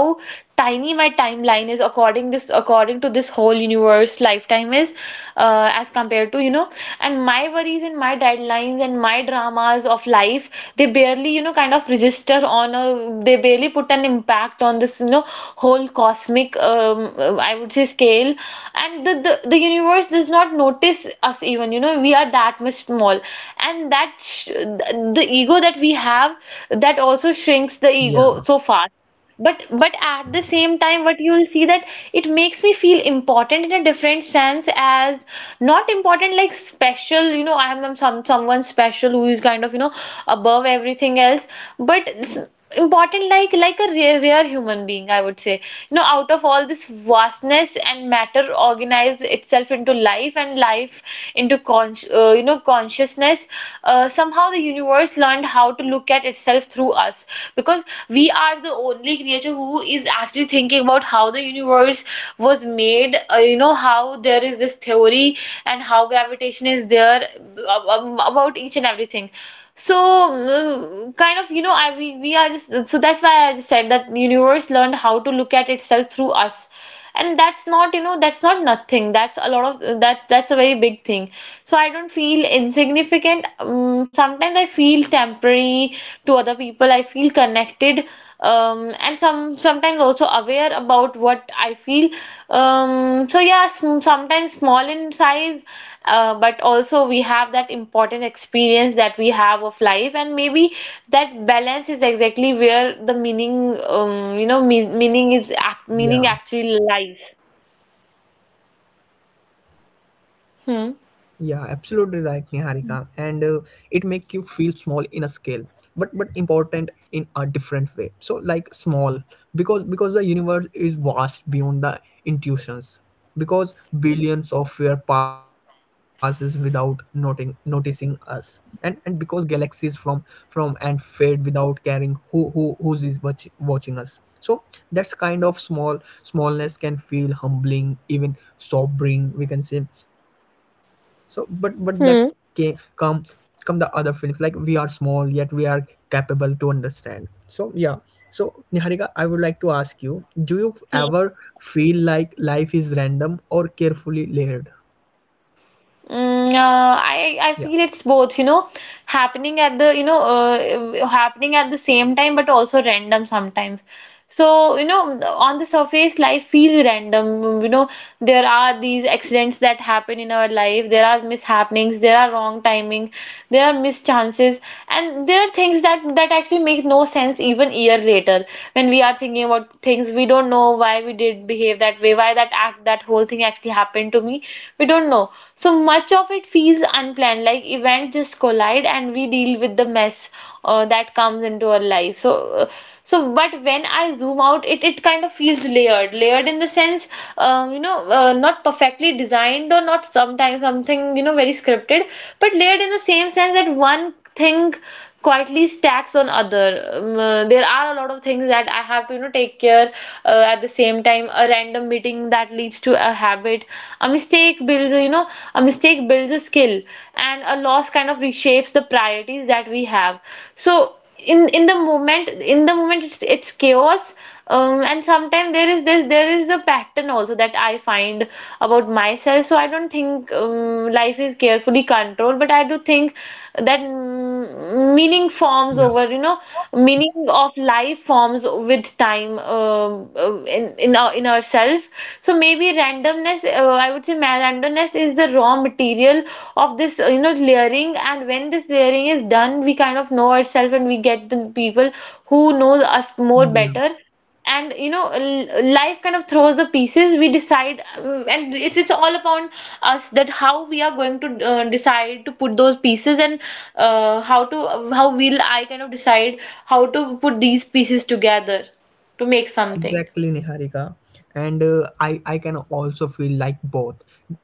S2: tiny my timeline is according this, according to this whole universe lifetime is, uh, as compared to, you know, and my worries and my deadlines and my dramas of life, they barely, you know, kind of register on a, they barely put an impact on this, you know, whole cosmic um, uh, I would say scale. And the, the the universe does not notice us, even, you know, we are that much small. And that sh- the the ego that we have, that also shrinks the
S1: Yeah,
S2: ego so fast. but but at the same time, what you'll see, that it makes me feel important in a different sense, as not important like special, you know, I'm, some someone special who is kind of, you know, above everything else, but s- important like like a rare rare human being, I would say. You know, out of all this vastness, and matter organize itself into life, and life into con uh, you know consciousness, uh, somehow the universe learned how to look at itself through us. Because we are the only creature who is actually thinking about how the universe was made, uh, you know how, there is this theory, and how gravitation is there, ab- ab- about each and everything. So, mm, kind of, you know, i we, we are just, so that's why I just said that universe learned how to look at itself through us. And that's not, you know, that's not nothing. That's a lot of, that that's a very big thing. So I don't feel insignificant. Um, sometimes I feel temporary. To other people I feel connected. Um, and some sometimes also aware about what I feel. Um, so yeah, sm- sometimes small in size, uh, but also we have that important experience that we have of life. And maybe that balance is exactly where the meaning, um, you know, me- meaning is ac- meaning
S1: yeah.
S2: actually lies.
S1: Yeah, absolutely right,
S2: Hmm.
S1: Niharika. And uh, it make you feel small in a scale, but but important in a different way. So like small, because because the universe is vast beyond the intuitions. Because billions of years passes without noting noticing us, and and because galaxies from from and fade without caring who who who's is watch, watching us. So that's kind of small smallness can feel humbling, even sobering, we can say. So but but that can come
S2: Hmm.
S1: come the other feelings, like we are small yet we are capable to understand. So yeah, so, Niharika, I would like to ask you, do you ever feel like life is random or carefully layered? Yeah,
S2: Mm, uh, I I feel it's both, you know, happening at the, you know, uh, happening at the same time, but also random sometimes. So, you know, on the surface, life feels random. You know, there are these accidents that happen in our life, there are mishappenings, there are wrong timing, there are missed chances, and there are things that that actually make no sense even year later when we are thinking about things. We don't know why we did behave that way, why that act, that whole thing actually happened to me. We don't know. So much of it feels unplanned, like events just collide and we deal with the mess uh, that comes into our life. So. Uh, so, but when I zoom out, it it kind of feels layered, layered in the sense, um, you know, uh, not perfectly designed, or not sometimes something, you know, very scripted, but layered in the same sense that one thing quietly stacks on other. Um, uh, there are a lot of things that I have to, you know, take care uh, at the same time. A random meeting that leads to a habit, a mistake builds, you know, a mistake builds a skill, and a loss kind of reshapes the priorities that we have. So in in the moment in the moment it's it's chaos, um, and sometimes there is this, there is a pattern also that I find about myself. So I don't think um, life is carefully controlled, but I do think that, mm, meaning forms over, you know, meaning of life forms with time, um, uh, in in our in ourself. So maybe randomness, uh, I would say, ma- randomness is the raw material of this, uh, you know, layering, and when this layering is done we kind of know ourselves and we get the people who know us more
S1: yeah.
S2: better. And you know, l- life kind of throws the pieces we decide, um, and it's it's all upon us, that how we are going to uh, decide to put those pieces, and uh, how to how will I kind of decide how to put these pieces together to make
S1: Yeah,
S2: something.
S1: exactly, Niharika. And uh, I I can also feel like both,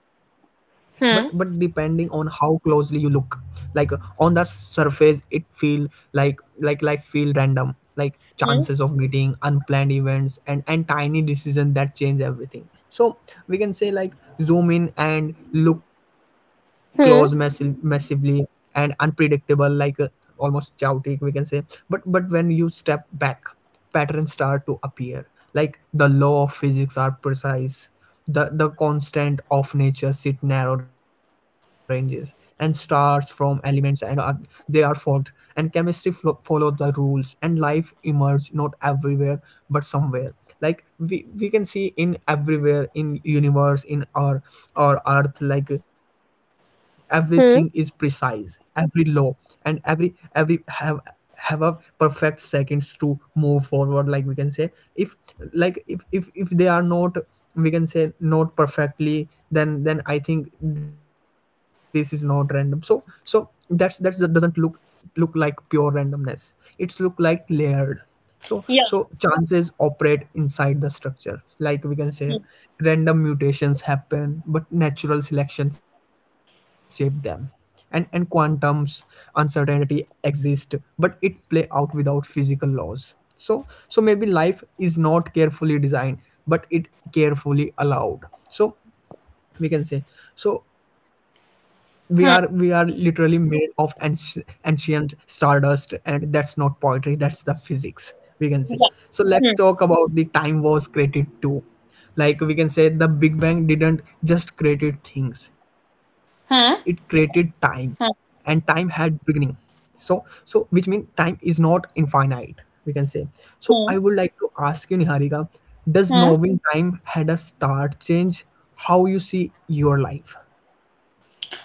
S1: but but depending on
S2: Hmm.
S1: how closely you look. Like on the surface, it feel like like like feel random, like chances
S2: Hmm.
S1: of meeting, unplanned events, and and tiny decisions that change everything. So we can say, like, zoom in and look close, massive,
S2: Hmm.
S1: massively and unpredictable, like uh, almost chaotic, we can say. But but when you step back, patterns start to appear, like the law of physics are precise, the the constant of nature sit narrow ranges, and stars from elements, and are, they are formed, and chemistry flo- follow the rules, and life emerge not everywhere but somewhere. Like we, we can see in everywhere in universe, in our our earth, like everything is precise,
S2: Hmm.
S1: every law, and every every have have a perfect seconds to move forward, like we can say. If like if if, if they are not, we can say, not perfectly, then then I think this is not random. So so that's that's that doesn't look look like pure randomness, it's look like layered. So so
S2: Yeah.
S1: chances operate inside the structure, like we can say, random mutations happen but natural selection shape them, and and quantum's uncertainty exist but it play out without physical laws. So so maybe life is not carefully designed, but it carefully allowed, so we can say. So we are we are literally
S2: Hmm.
S1: made of anci- ancient stardust, and that's not poetry, that's the physics, we can say.
S2: Yeah.
S1: So let's
S2: Hmm.
S1: talk about the time was created too. Like we can say, the Big Bang didn't just create things, it created
S2: Hmm.
S1: time, and time
S2: Hmm.
S1: had beginning. So so which mean time is not infinite, we can say. So I
S2: Hmm.
S1: would like to ask you, Niharika, does
S2: Hmm.
S1: knowing time had a start change how you see your life? Yeah,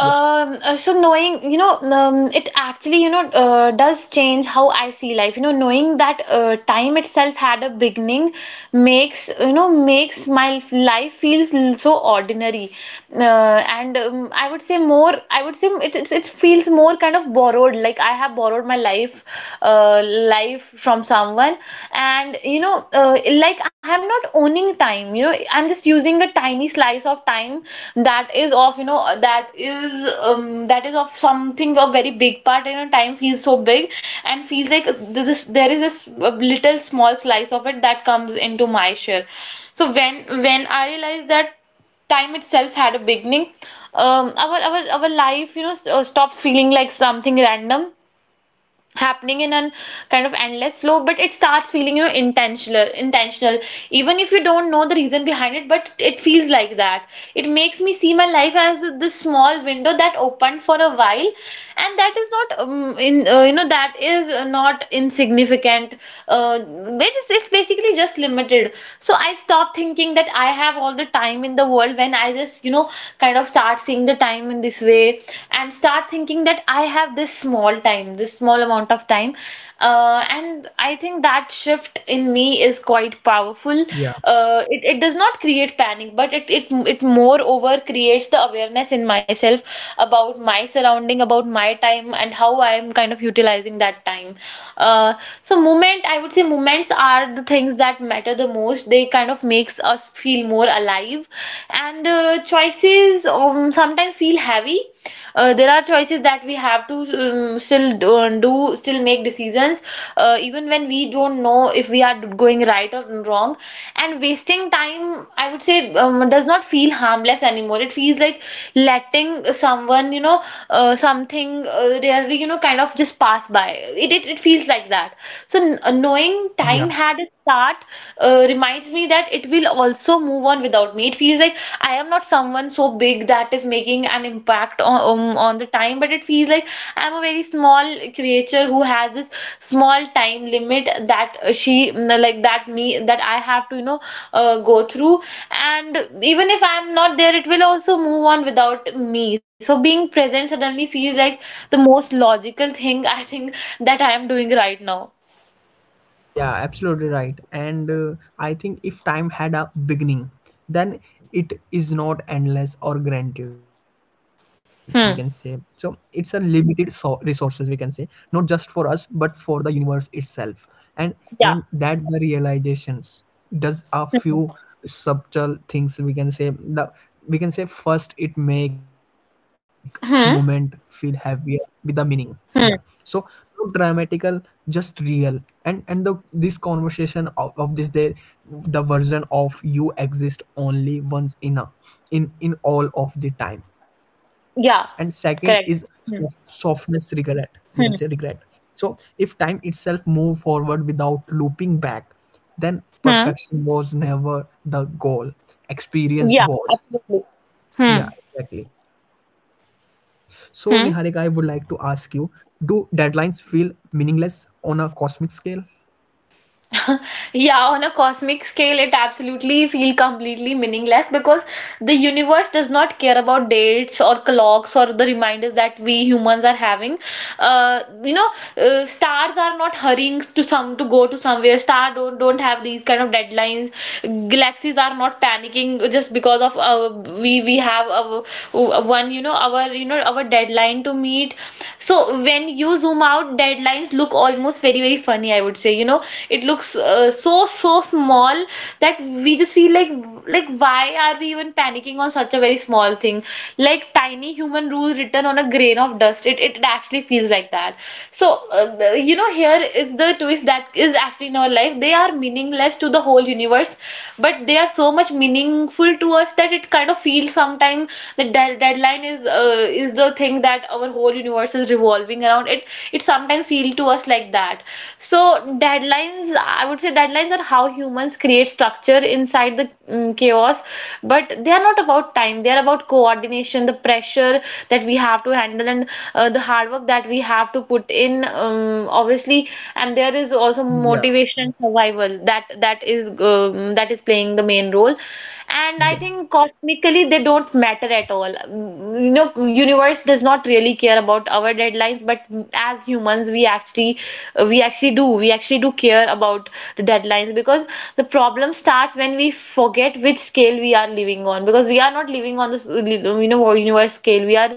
S2: Um, uh, so knowing, you know, um, it actually, you know, uh, does change how I see life. You know, knowing that uh, time itself had a beginning makes, you know, makes my f- life feels l- so ordinary. Uh, and um, I would say more, I would say it, it, it feels more kind of borrowed. Like I have borrowed my life, uh, life from someone. And you know, uh, like I am not owning time, you know, I'm just using a tiny slice of time that is of, you know, that is, um, that is of something a very big part. And a time feels so big, and feels like this is- there is this uh, little small slice of it that comes into my share. So when when I realized that time itself had a beginning, um, our our our life, you know, st- uh, stops feeling like something random happening in an kind of endless flow, but it starts feeling, you know, intentional, intentional, even if you don't know the reason behind it, but it feels like that. It makes me see my life as this small window that opened for a while, and that is not, um, in uh, you know, that is, uh, not insignificant. Uh, it's, it's basically just limited. So I stopped thinking that I have all the time in the world, when I just, you know, you know, kind of start seeing the time in this way, and start thinking that I have this small time, this small amount of time. Uh, and I think that shift in me is quite powerful.
S1: yeah,
S2: Uh, it, it does not create panic, but it, it, it moreover creates the awareness in myself about my surrounding, about my time, and how I am kind of utilizing that time. Uh, so, movement, I would say, movement moments are the things that matter the most. They kind of makes us feel more alive, and uh, choices um, sometimes feel heavy. Uh, there are choices that we have to, um, still do, um, do still make decisions, uh, even when we don't know if we are going right or wrong. And wasting time, I would say, um, does not feel harmless anymore. It feels like letting someone you know you know uh, something, uh, rarely, you know kind of just pass by. It it, it feels like that. So, kn- uh, knowing
S1: yeah.
S2: time had a start, uh, reminds me that it will also move on without me. It feels like I am not someone so big that is making an impact on, um, on the time, but it feels like I'm a very small creature who has this small time limit that uh, she, mm, like that me that I have to, you know uh, go through. And even if I'm not there, it will also move on without me. So being present suddenly feels like the most logical thing, I think, that I am doing right now.
S1: Yeah, absolutely right. And uh, I think if time had a beginning, then it is not endless or granted, we can say. So it's a
S2: Hmm.
S1: limited so- resources, we can say, not just for us, but for the universe itself. And and
S2: Yeah.
S1: that the realizations does a few
S2: Hmm.
S1: subtle things, we can say. The We can say first, it make moment feel
S2: Hmm.
S1: heavier with the meaning. Yeah. So
S2: Hmm.
S1: no dramatical, just real. And and the this conversation of, of this day, the version of you exist only once in a in in all of the time. And second is
S2: Yeah.
S1: sof-
S2: Correct.
S1: softness
S2: Hmm.
S1: regret, we can say, regret.
S2: Hmm.
S1: So if time itself move forward without looping back, then
S2: Hmm.
S1: perfection was never the goal, experience
S2: Yeah,
S1: was.
S2: absolutely.
S1: Yeah,
S2: Hmm.
S1: exactly. So, Niharika, I would like to ask
S2: Hmm.
S1: you, do deadlines feel meaningless on a cosmic scale?
S2: Yeah, on a cosmic scale, it absolutely feel completely meaningless, because the universe does not care about dates or clocks or the reminders that we humans are having. Uh, you know, uh, Stars are not hurrying to some to go to somewhere. Star don't don't have these kind of deadlines. Galaxies are not panicking just because of, uh, we we have our, one you know our you know our deadline to meet. So when you zoom out, deadlines look almost very, very funny, I would say. You know, it looks, uh, so, so small that we just feel like, like, why are we even panicking on such a very small thing? Like tiny human rule written on a grain of dust. It, it actually feels like that. So, uh, the- you know, here is the twist that is actually in our life. They are meaningless to the whole universe, but they are so much meaningful to us that it kind of feels sometimes thing, the de- deadline is uh, is the thing that our whole universe is revolving around it. It sometimes feels to us like that. So, deadlines, I would say, deadlines are how humans create structure inside the, mm, chaos. But they are not about time, they are about coordination, the pressure that we have to handle, and uh, the hard work that we have to put in, um, obviously. And there is also
S1: Yeah,
S2: motivation and survival that that is um, that is playing the main role. And
S1: yeah,
S2: I think cosmically they don't matter at all. Mm. You know universe does not really care about our deadlines, but as humans we actually, we actually do we actually do care about the deadlines, because the problem starts when we forget which scale we are living on, because we are not living on this, you know universe scale. We are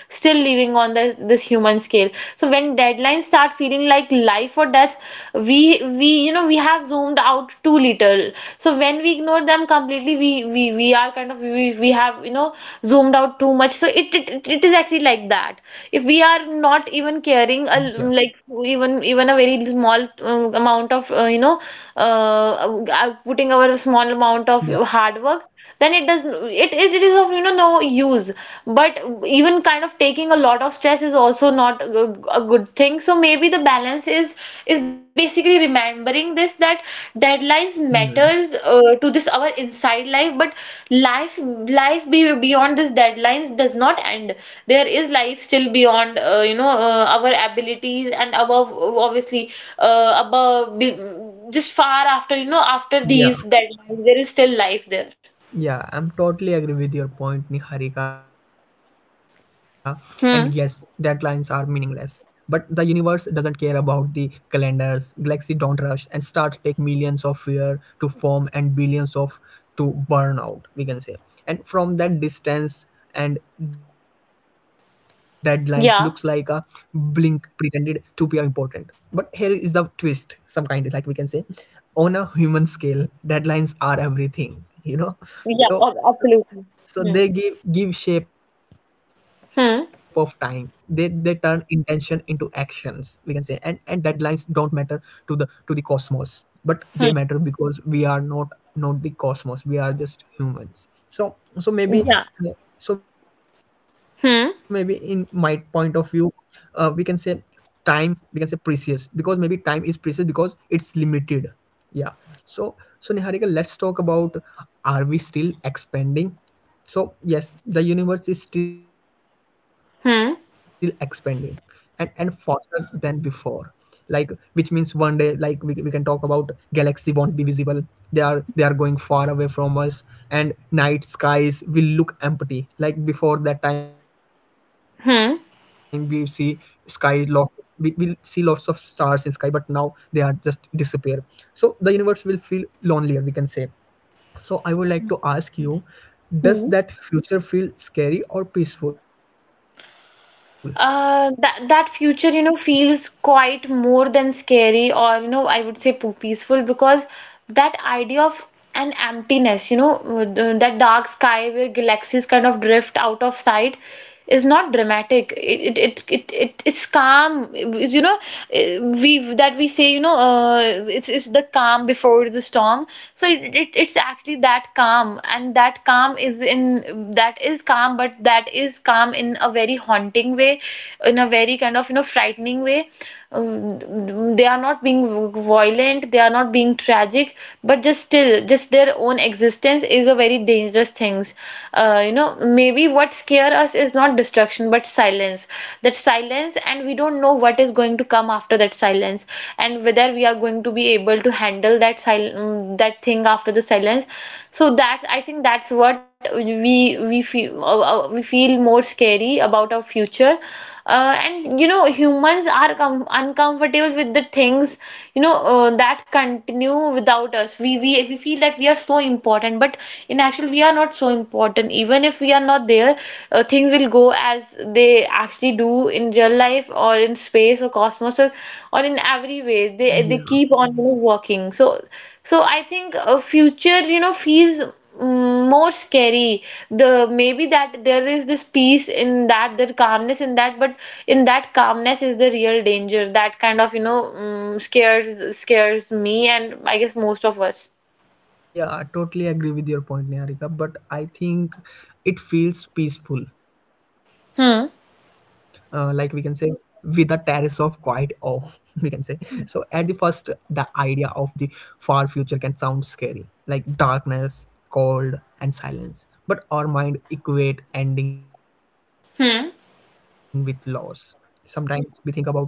S2: still living on the this human scale. So when deadlines start feeling like life or death, we we you know we have zoomed out too little. So when we ignore them completely, we we, we are kind of we, we have, you know zoomed out too much. So it, it it it is actually like that. If we are not even caring a,
S1: yeah,
S2: like, even even a very small uh, amount of, uh, you know uh, uh, putting our small amount
S1: yeah.
S2: of hard work, then it does, it is it is of, you know no use. But even kind of taking a lot of stress is also not a good a good thing. So maybe the balance is is basically remembering this, that deadlines
S1: Hmm.
S2: matters uh, to this our inside life, but life life be, beyond this deadlines does not end. There is life still beyond, uh, you know uh, our abilities and above, obviously. uh, above be, just far after, you know after
S1: Yeah.
S2: these deadlines there is still life there.
S1: Yeah, I'm totally agree with your point, Niharika. And yes, deadlines are
S2: Hmm.
S1: meaningless, but the universe doesn't care about the calendars. Galaxy don't rush, and stars take millions of years to form and billions of to burn out, we can say. And from that distance, and deadlines looks like a blink
S2: Yeah.
S1: pretended to be important. But here is the twist. Some kind, like we can say, on a human scale, deadlines are everything. You know,
S2: Yeah.
S1: so
S2: ab- Absolutely.
S1: so
S2: Hmm.
S1: they give give shape of time. They they turn
S2: Hmm.
S1: intention into actions, we can say. And and deadlines don't matter to the to the cosmos. But they
S2: Hmm.
S1: matter because we are not not the cosmos, we are just humans. So so maybe
S2: Yeah.
S1: uh, so maybe in my point of
S2: Hmm.
S1: view, uh, we can say time, we can say precious, because maybe time is precious because it's limited. Yeah. So so, Niharika, let's talk about, are we still expanding? So yes, the universe is still expanding, and and
S2: Hmm.
S1: faster than before, like which means one day, like we, we can talk about galaxy won't be visible, they are they are going far away from us, and night skies will look empty. Like before that time we see sky
S2: Hmm.
S1: lot, we will see lots of stars in sky, but now they are just disappear. So the universe will feel lonelier, we can say. So I would like to ask you, does
S2: Hmm.
S1: that future feel scary or peaceful?
S2: Uh, that that future, you know, feels quite more than scary or, you know, I would say, po- peaceful, because that idea of an emptiness, you know, uh, th- that dark sky where galaxies kind of drift out of sight, is not dramatic. It it it it, it it's calm. It's, you know, uh, we that we say, you know, uh, it's it's the calm before the storm. So it, it it's actually that calm calm, and that calm is in, that is calm, but that is calm in a very haunting way, in a very kind of, you know frightening way. Um, they are not being violent, they are not being tragic, but just still just their own existence is a very dangerous things. uh, you know Maybe what scare us is not destruction but silence. That silence, and we don't know what is going to come after that silence silence, and whether we are going to be able to handle that sil- mm, that thing after the silence. So that, I think, that's what we we feel uh, uh, we feel more scary about our future. Uh, and, you know humans are com- uncomfortable with the things, you know uh, that continue without us. We, we we feel that we are so important, but in actual we are not so important, even if we are not there. uh, Things will go as they actually do in real life or in space or cosmos, or, or in every way, they they keep on, you know, working. So so I think a future, you know feels, mm, more scary. The maybe that there is this peace in that, there calmness in that, but in that calmness is the real danger that kind of, you know mm, scares scares me, and I guess most of us.
S1: Yeah, I totally agree with your point, Niharika. But I think it feels peaceful, uh, like we can
S2: Hmm.
S1: say, with a terrace of quiet awe, we can say. So at the first, the idea of the far future can sound scary, like darkness, cold, and silence, but our mind equate ending with loss,
S2: Hmm.
S1: sometimes we think about like. But when when you zoom out,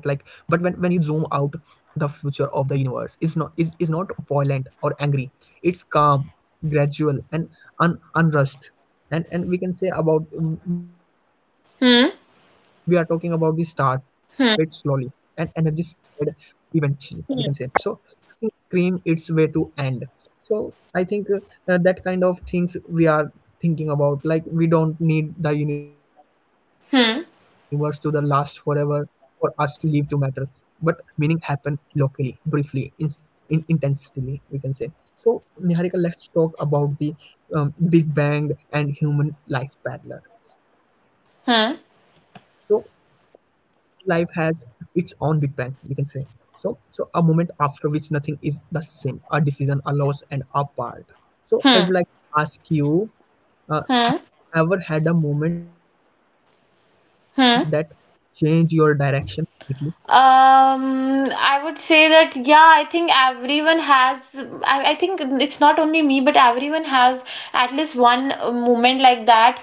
S1: the future of the universe is not is is not violent or angry, it's calm, gradual, and un, unrushed. And and we can say about, we are talking about the start
S2: Hmm.
S1: fade slowly, and energy
S2: Hmm.
S1: spread eventually, we can say. So
S2: Hmm.
S1: nothing scream its way to end. So I think, uh, uh, that kind of things we are thinking about, like we don't need the universe to the last forever
S2: Hmm.
S1: for us live to matter, but meaning happen locally, briefly, in, in intensely we can say. So, Niharika, let's talk about the um, Big Bang and human life parallel. So,
S2: Hmm.
S1: life has its own Big Bang, we can say. So, so a moment after which nothing is the same, a decision, a loss, and a part. So, I would
S2: Hmm.
S1: like to ask you: uh,
S2: Hmm.
S1: have you ever had a moment that changed your
S2: Hmm.
S1: direction completely?
S2: Um, I would say that yeah, I think everyone has. I, I think it's not only me, but everyone has at least one uh, moment like that.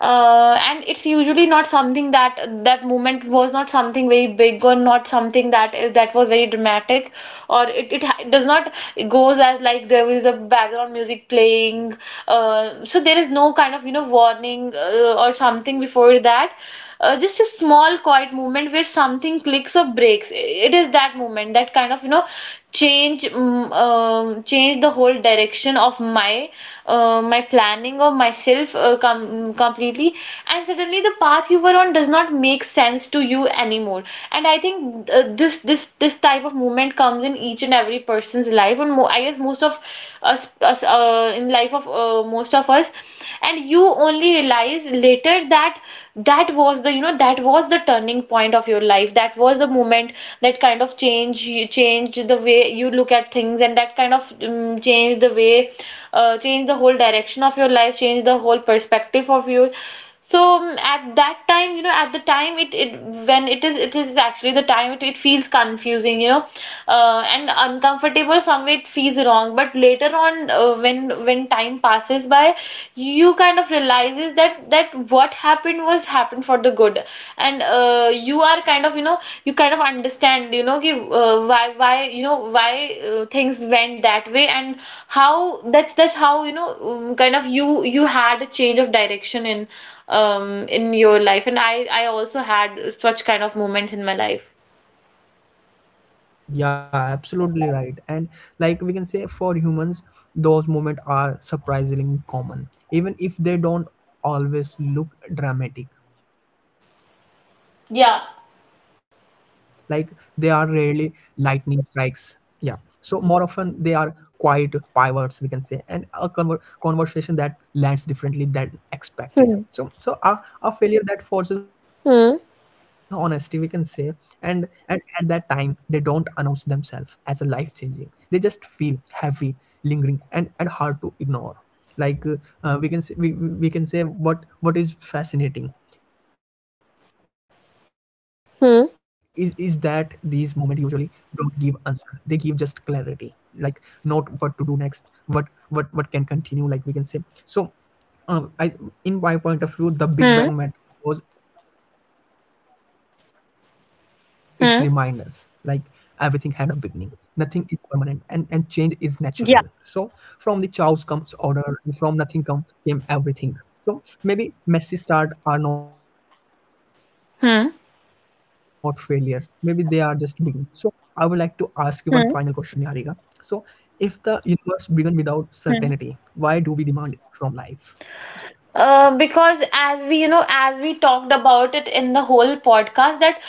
S2: Uh, and it's usually not something that, that moment was not something very big, or not something that that was very dramatic. Or it, it ha- it does not goes as, like, there is a background music playing. Uh, so there is no kind of, you know warning, uh, or something before that. Uh, just a small quiet moment where something clicks or breaks. It is that moment that kind of, you know change mm, um, change the whole direction of my, uh, my planning of myself, uh, com completely. And suddenly the path you were on does not make sense to you anymore. And I think uh, this this this type of movement comes in each and every person's life. And mo I guess most of us, us uh, in life of, uh, most of us. And you only realize later that that was the, you know that was the turning point of your life. That was the moment that kind of change you changed the way you look at things, and that kind of, um, changed the way uh, changed the whole direction of your life, changed the whole perspective of you. So, um, at that time, you know at the time it, it when it is it is actually the time it, it feels confusing, you know uh, And uncomfortable, some way it feels wrong, but later on, uh, uh, when when time passes by, you kind of realizes that, that what happened was happened for the good. And, uh, you are kind of, you know you kind of understand, you know कि, uh, why why you know why uh, things went that way, and how, that's that's how, you know um, kind of you you had a change of direction in um in your life. And I I also had such kind of moments in my life.
S1: Yeah, absolutely right. And like we can say, for humans, those moments are surprisingly common, even if they don't always look dramatic. Like, they are rarely
S2: Yeah.
S1: lightning strikes. Yeah. So more often they are quiet pivots, we can say, and a conver- conversation that lands differently than expected. So, so a,
S2: Hmm.
S1: a failure that forces honesty, we can say,
S2: Hmm.
S1: and and at that time they don't announce themselves as a life changing. They just feel heavy, lingering, and and hard to ignore, like uh, uh, we can say, we, we can say what what is fascinating is is that
S2: Hmm.
S1: these movement usually don't give answer, they give just clarity, like not what to do next, what what what can continue, like we can say. So um I
S2: Hmm.
S1: In my point of view, the Big Bang matter was its reminders, like
S2: Hmm.
S1: everything had a beginning, nothing is permanent, and and change is natural. So
S2: Yeah.
S1: from the chaos comes order, and from nothing come came everything. So maybe messy start are not failures, maybe they are just
S2: Hmm.
S1: beginning. So I would like to ask you one final question, Niharika, so if
S2: Hmm.
S1: the universe began without certainty, why do we
S2: Hmm.
S1: demand from life? Yeah.
S2: Uh, because as we, you know, as we talked about it in the whole podcast, that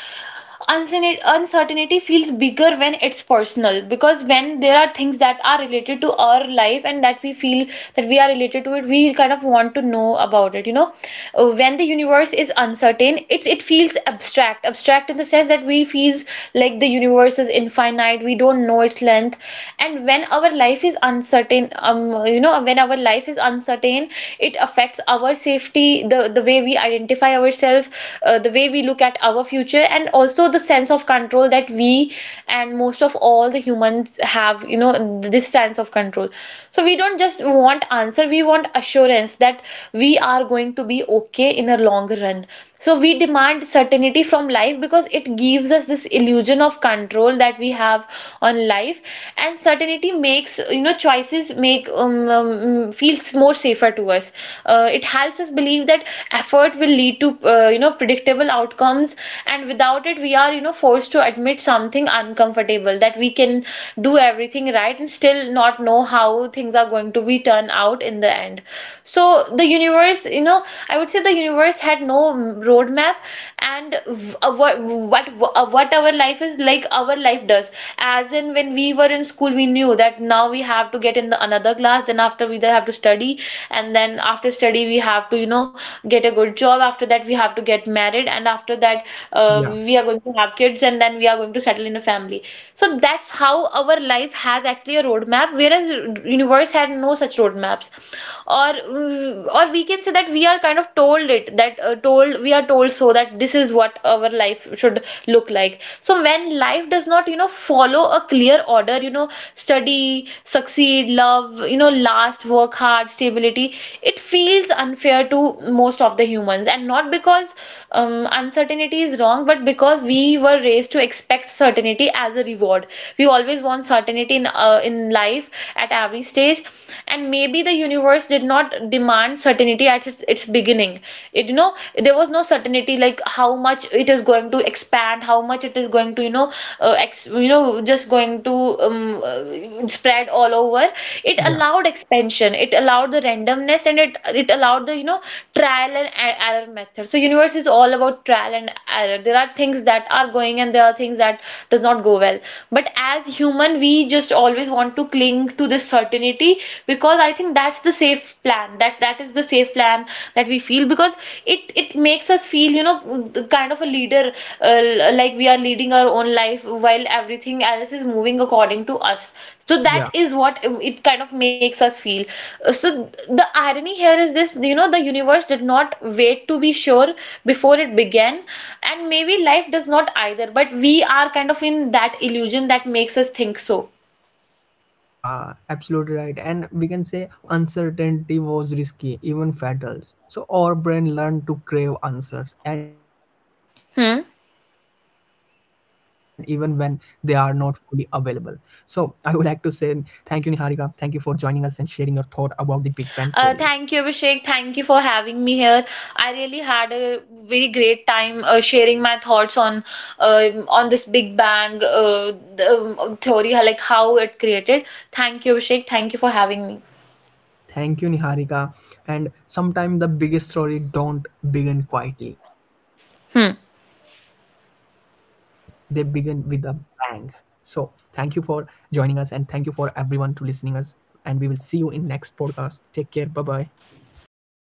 S2: uncertain- uncertainty feels bigger when it's personal. Because when there are things that are related to our life and that we feel that we are related to it, we kind of want to know about it. You know, Uh, when the universe is uncertain, it's it feels abstract, abstract in the sense that we feels like the universe is infinite. We don't know its length, and when our life is uncertain, um you know when our life is uncertain it affects our safety, the the way we identify ourselves, uh, the way we look at our future, and also the sense of control that we, and most of all the humans have, you know this sense of control. So we don't just want answer, we want assurance that we are going to be okay in a long run. So we demand certainty
S1: Yeah,
S2: from life, because it gives us this illusion of control that we have on life, and certainty makes, you know choices make, um, um feels more safer to us. Uh, it helps us believe that effort will lead to, uh, you know predictable outcomes, and without it, we are, you know forced to admit something uncomfortable, that we can do everything right and still not know how things are going to be turned out in the end. So the universe, you know I would say the universe had no roadmap. And, uh, what what uh, what our life is like, our life does, as in when we were in school, we knew that now we have to get in the another class, then after we have to study, and then after study we have to, you know get a good job. After that we have to get married, and after that,
S1: yeah,
S2: uh, we are going to have kids, and then we are going to settle in a family. So that's how our life has actually a roadmap, whereas universe had no such roadmaps. Or, mm, or we can say that we are kind of told it, that, uh, told we are told so, that this is what our life should look like. So when life does not, you know follow a clear order, you know study, succeed, love, you know last, work hard, stability, it feels unfair to most of the humans. And not because, um,
S1: yeah,
S2: uncertainty is wrong, but because we were raised to expect certainty as a reward, we always want certainty in uh, in life at every stage, and maybe the universe did not demand certainty at its, its beginning. It, you know there was no certainty, like how much it is going to expand, how much it is going to, you know uh, ex you know just going to, um, uh, spread all over. It
S1: yeah,
S2: allowed expansion. It allowed the randomness, and it it allowed the, you know trial and e- error method. So universe is all about trial and error. There are things that are going, and there are things that does not go well. But as human we just always want to cling to this certainty, because I think that's the safe plan, that that is the safe plan that we feel, because it it makes us feel, you know kind of a leader, uh, like we are leading our own life while everything else is moving according to us. So that
S1: yeah,
S2: is what it kind of makes us feel. So the irony here is this, you know the universe did not wait to be sure before it began, and maybe life does not either, but we are kind of in that illusion that makes us think so.
S1: yeah, absolutely right. And we can say uncertainty was risky, even fatal, so our brain learned to crave answers, and even when they are
S2: Hmm.
S1: not fully available. So I would like to say thank you, Niharika. Thank you for joining us and sharing your thought about the Big Bang theories.
S2: Uh, thank you, Abhishek. Thank you for having me here. I really had a very great time, uh, sharing my thoughts on, uh, on this Big Bang, uh, the, um, theory, like how it created. Thank you, Abhishek. Thank you for having me.
S1: Thank you, Niharika. And sometimes the biggest story don't begin quietly, they begin with
S2: Hmm.
S1: a bang. So thank you for joining us, and thank you for everyone to listening us. And we will see you in next podcast. Take care. Bye bye.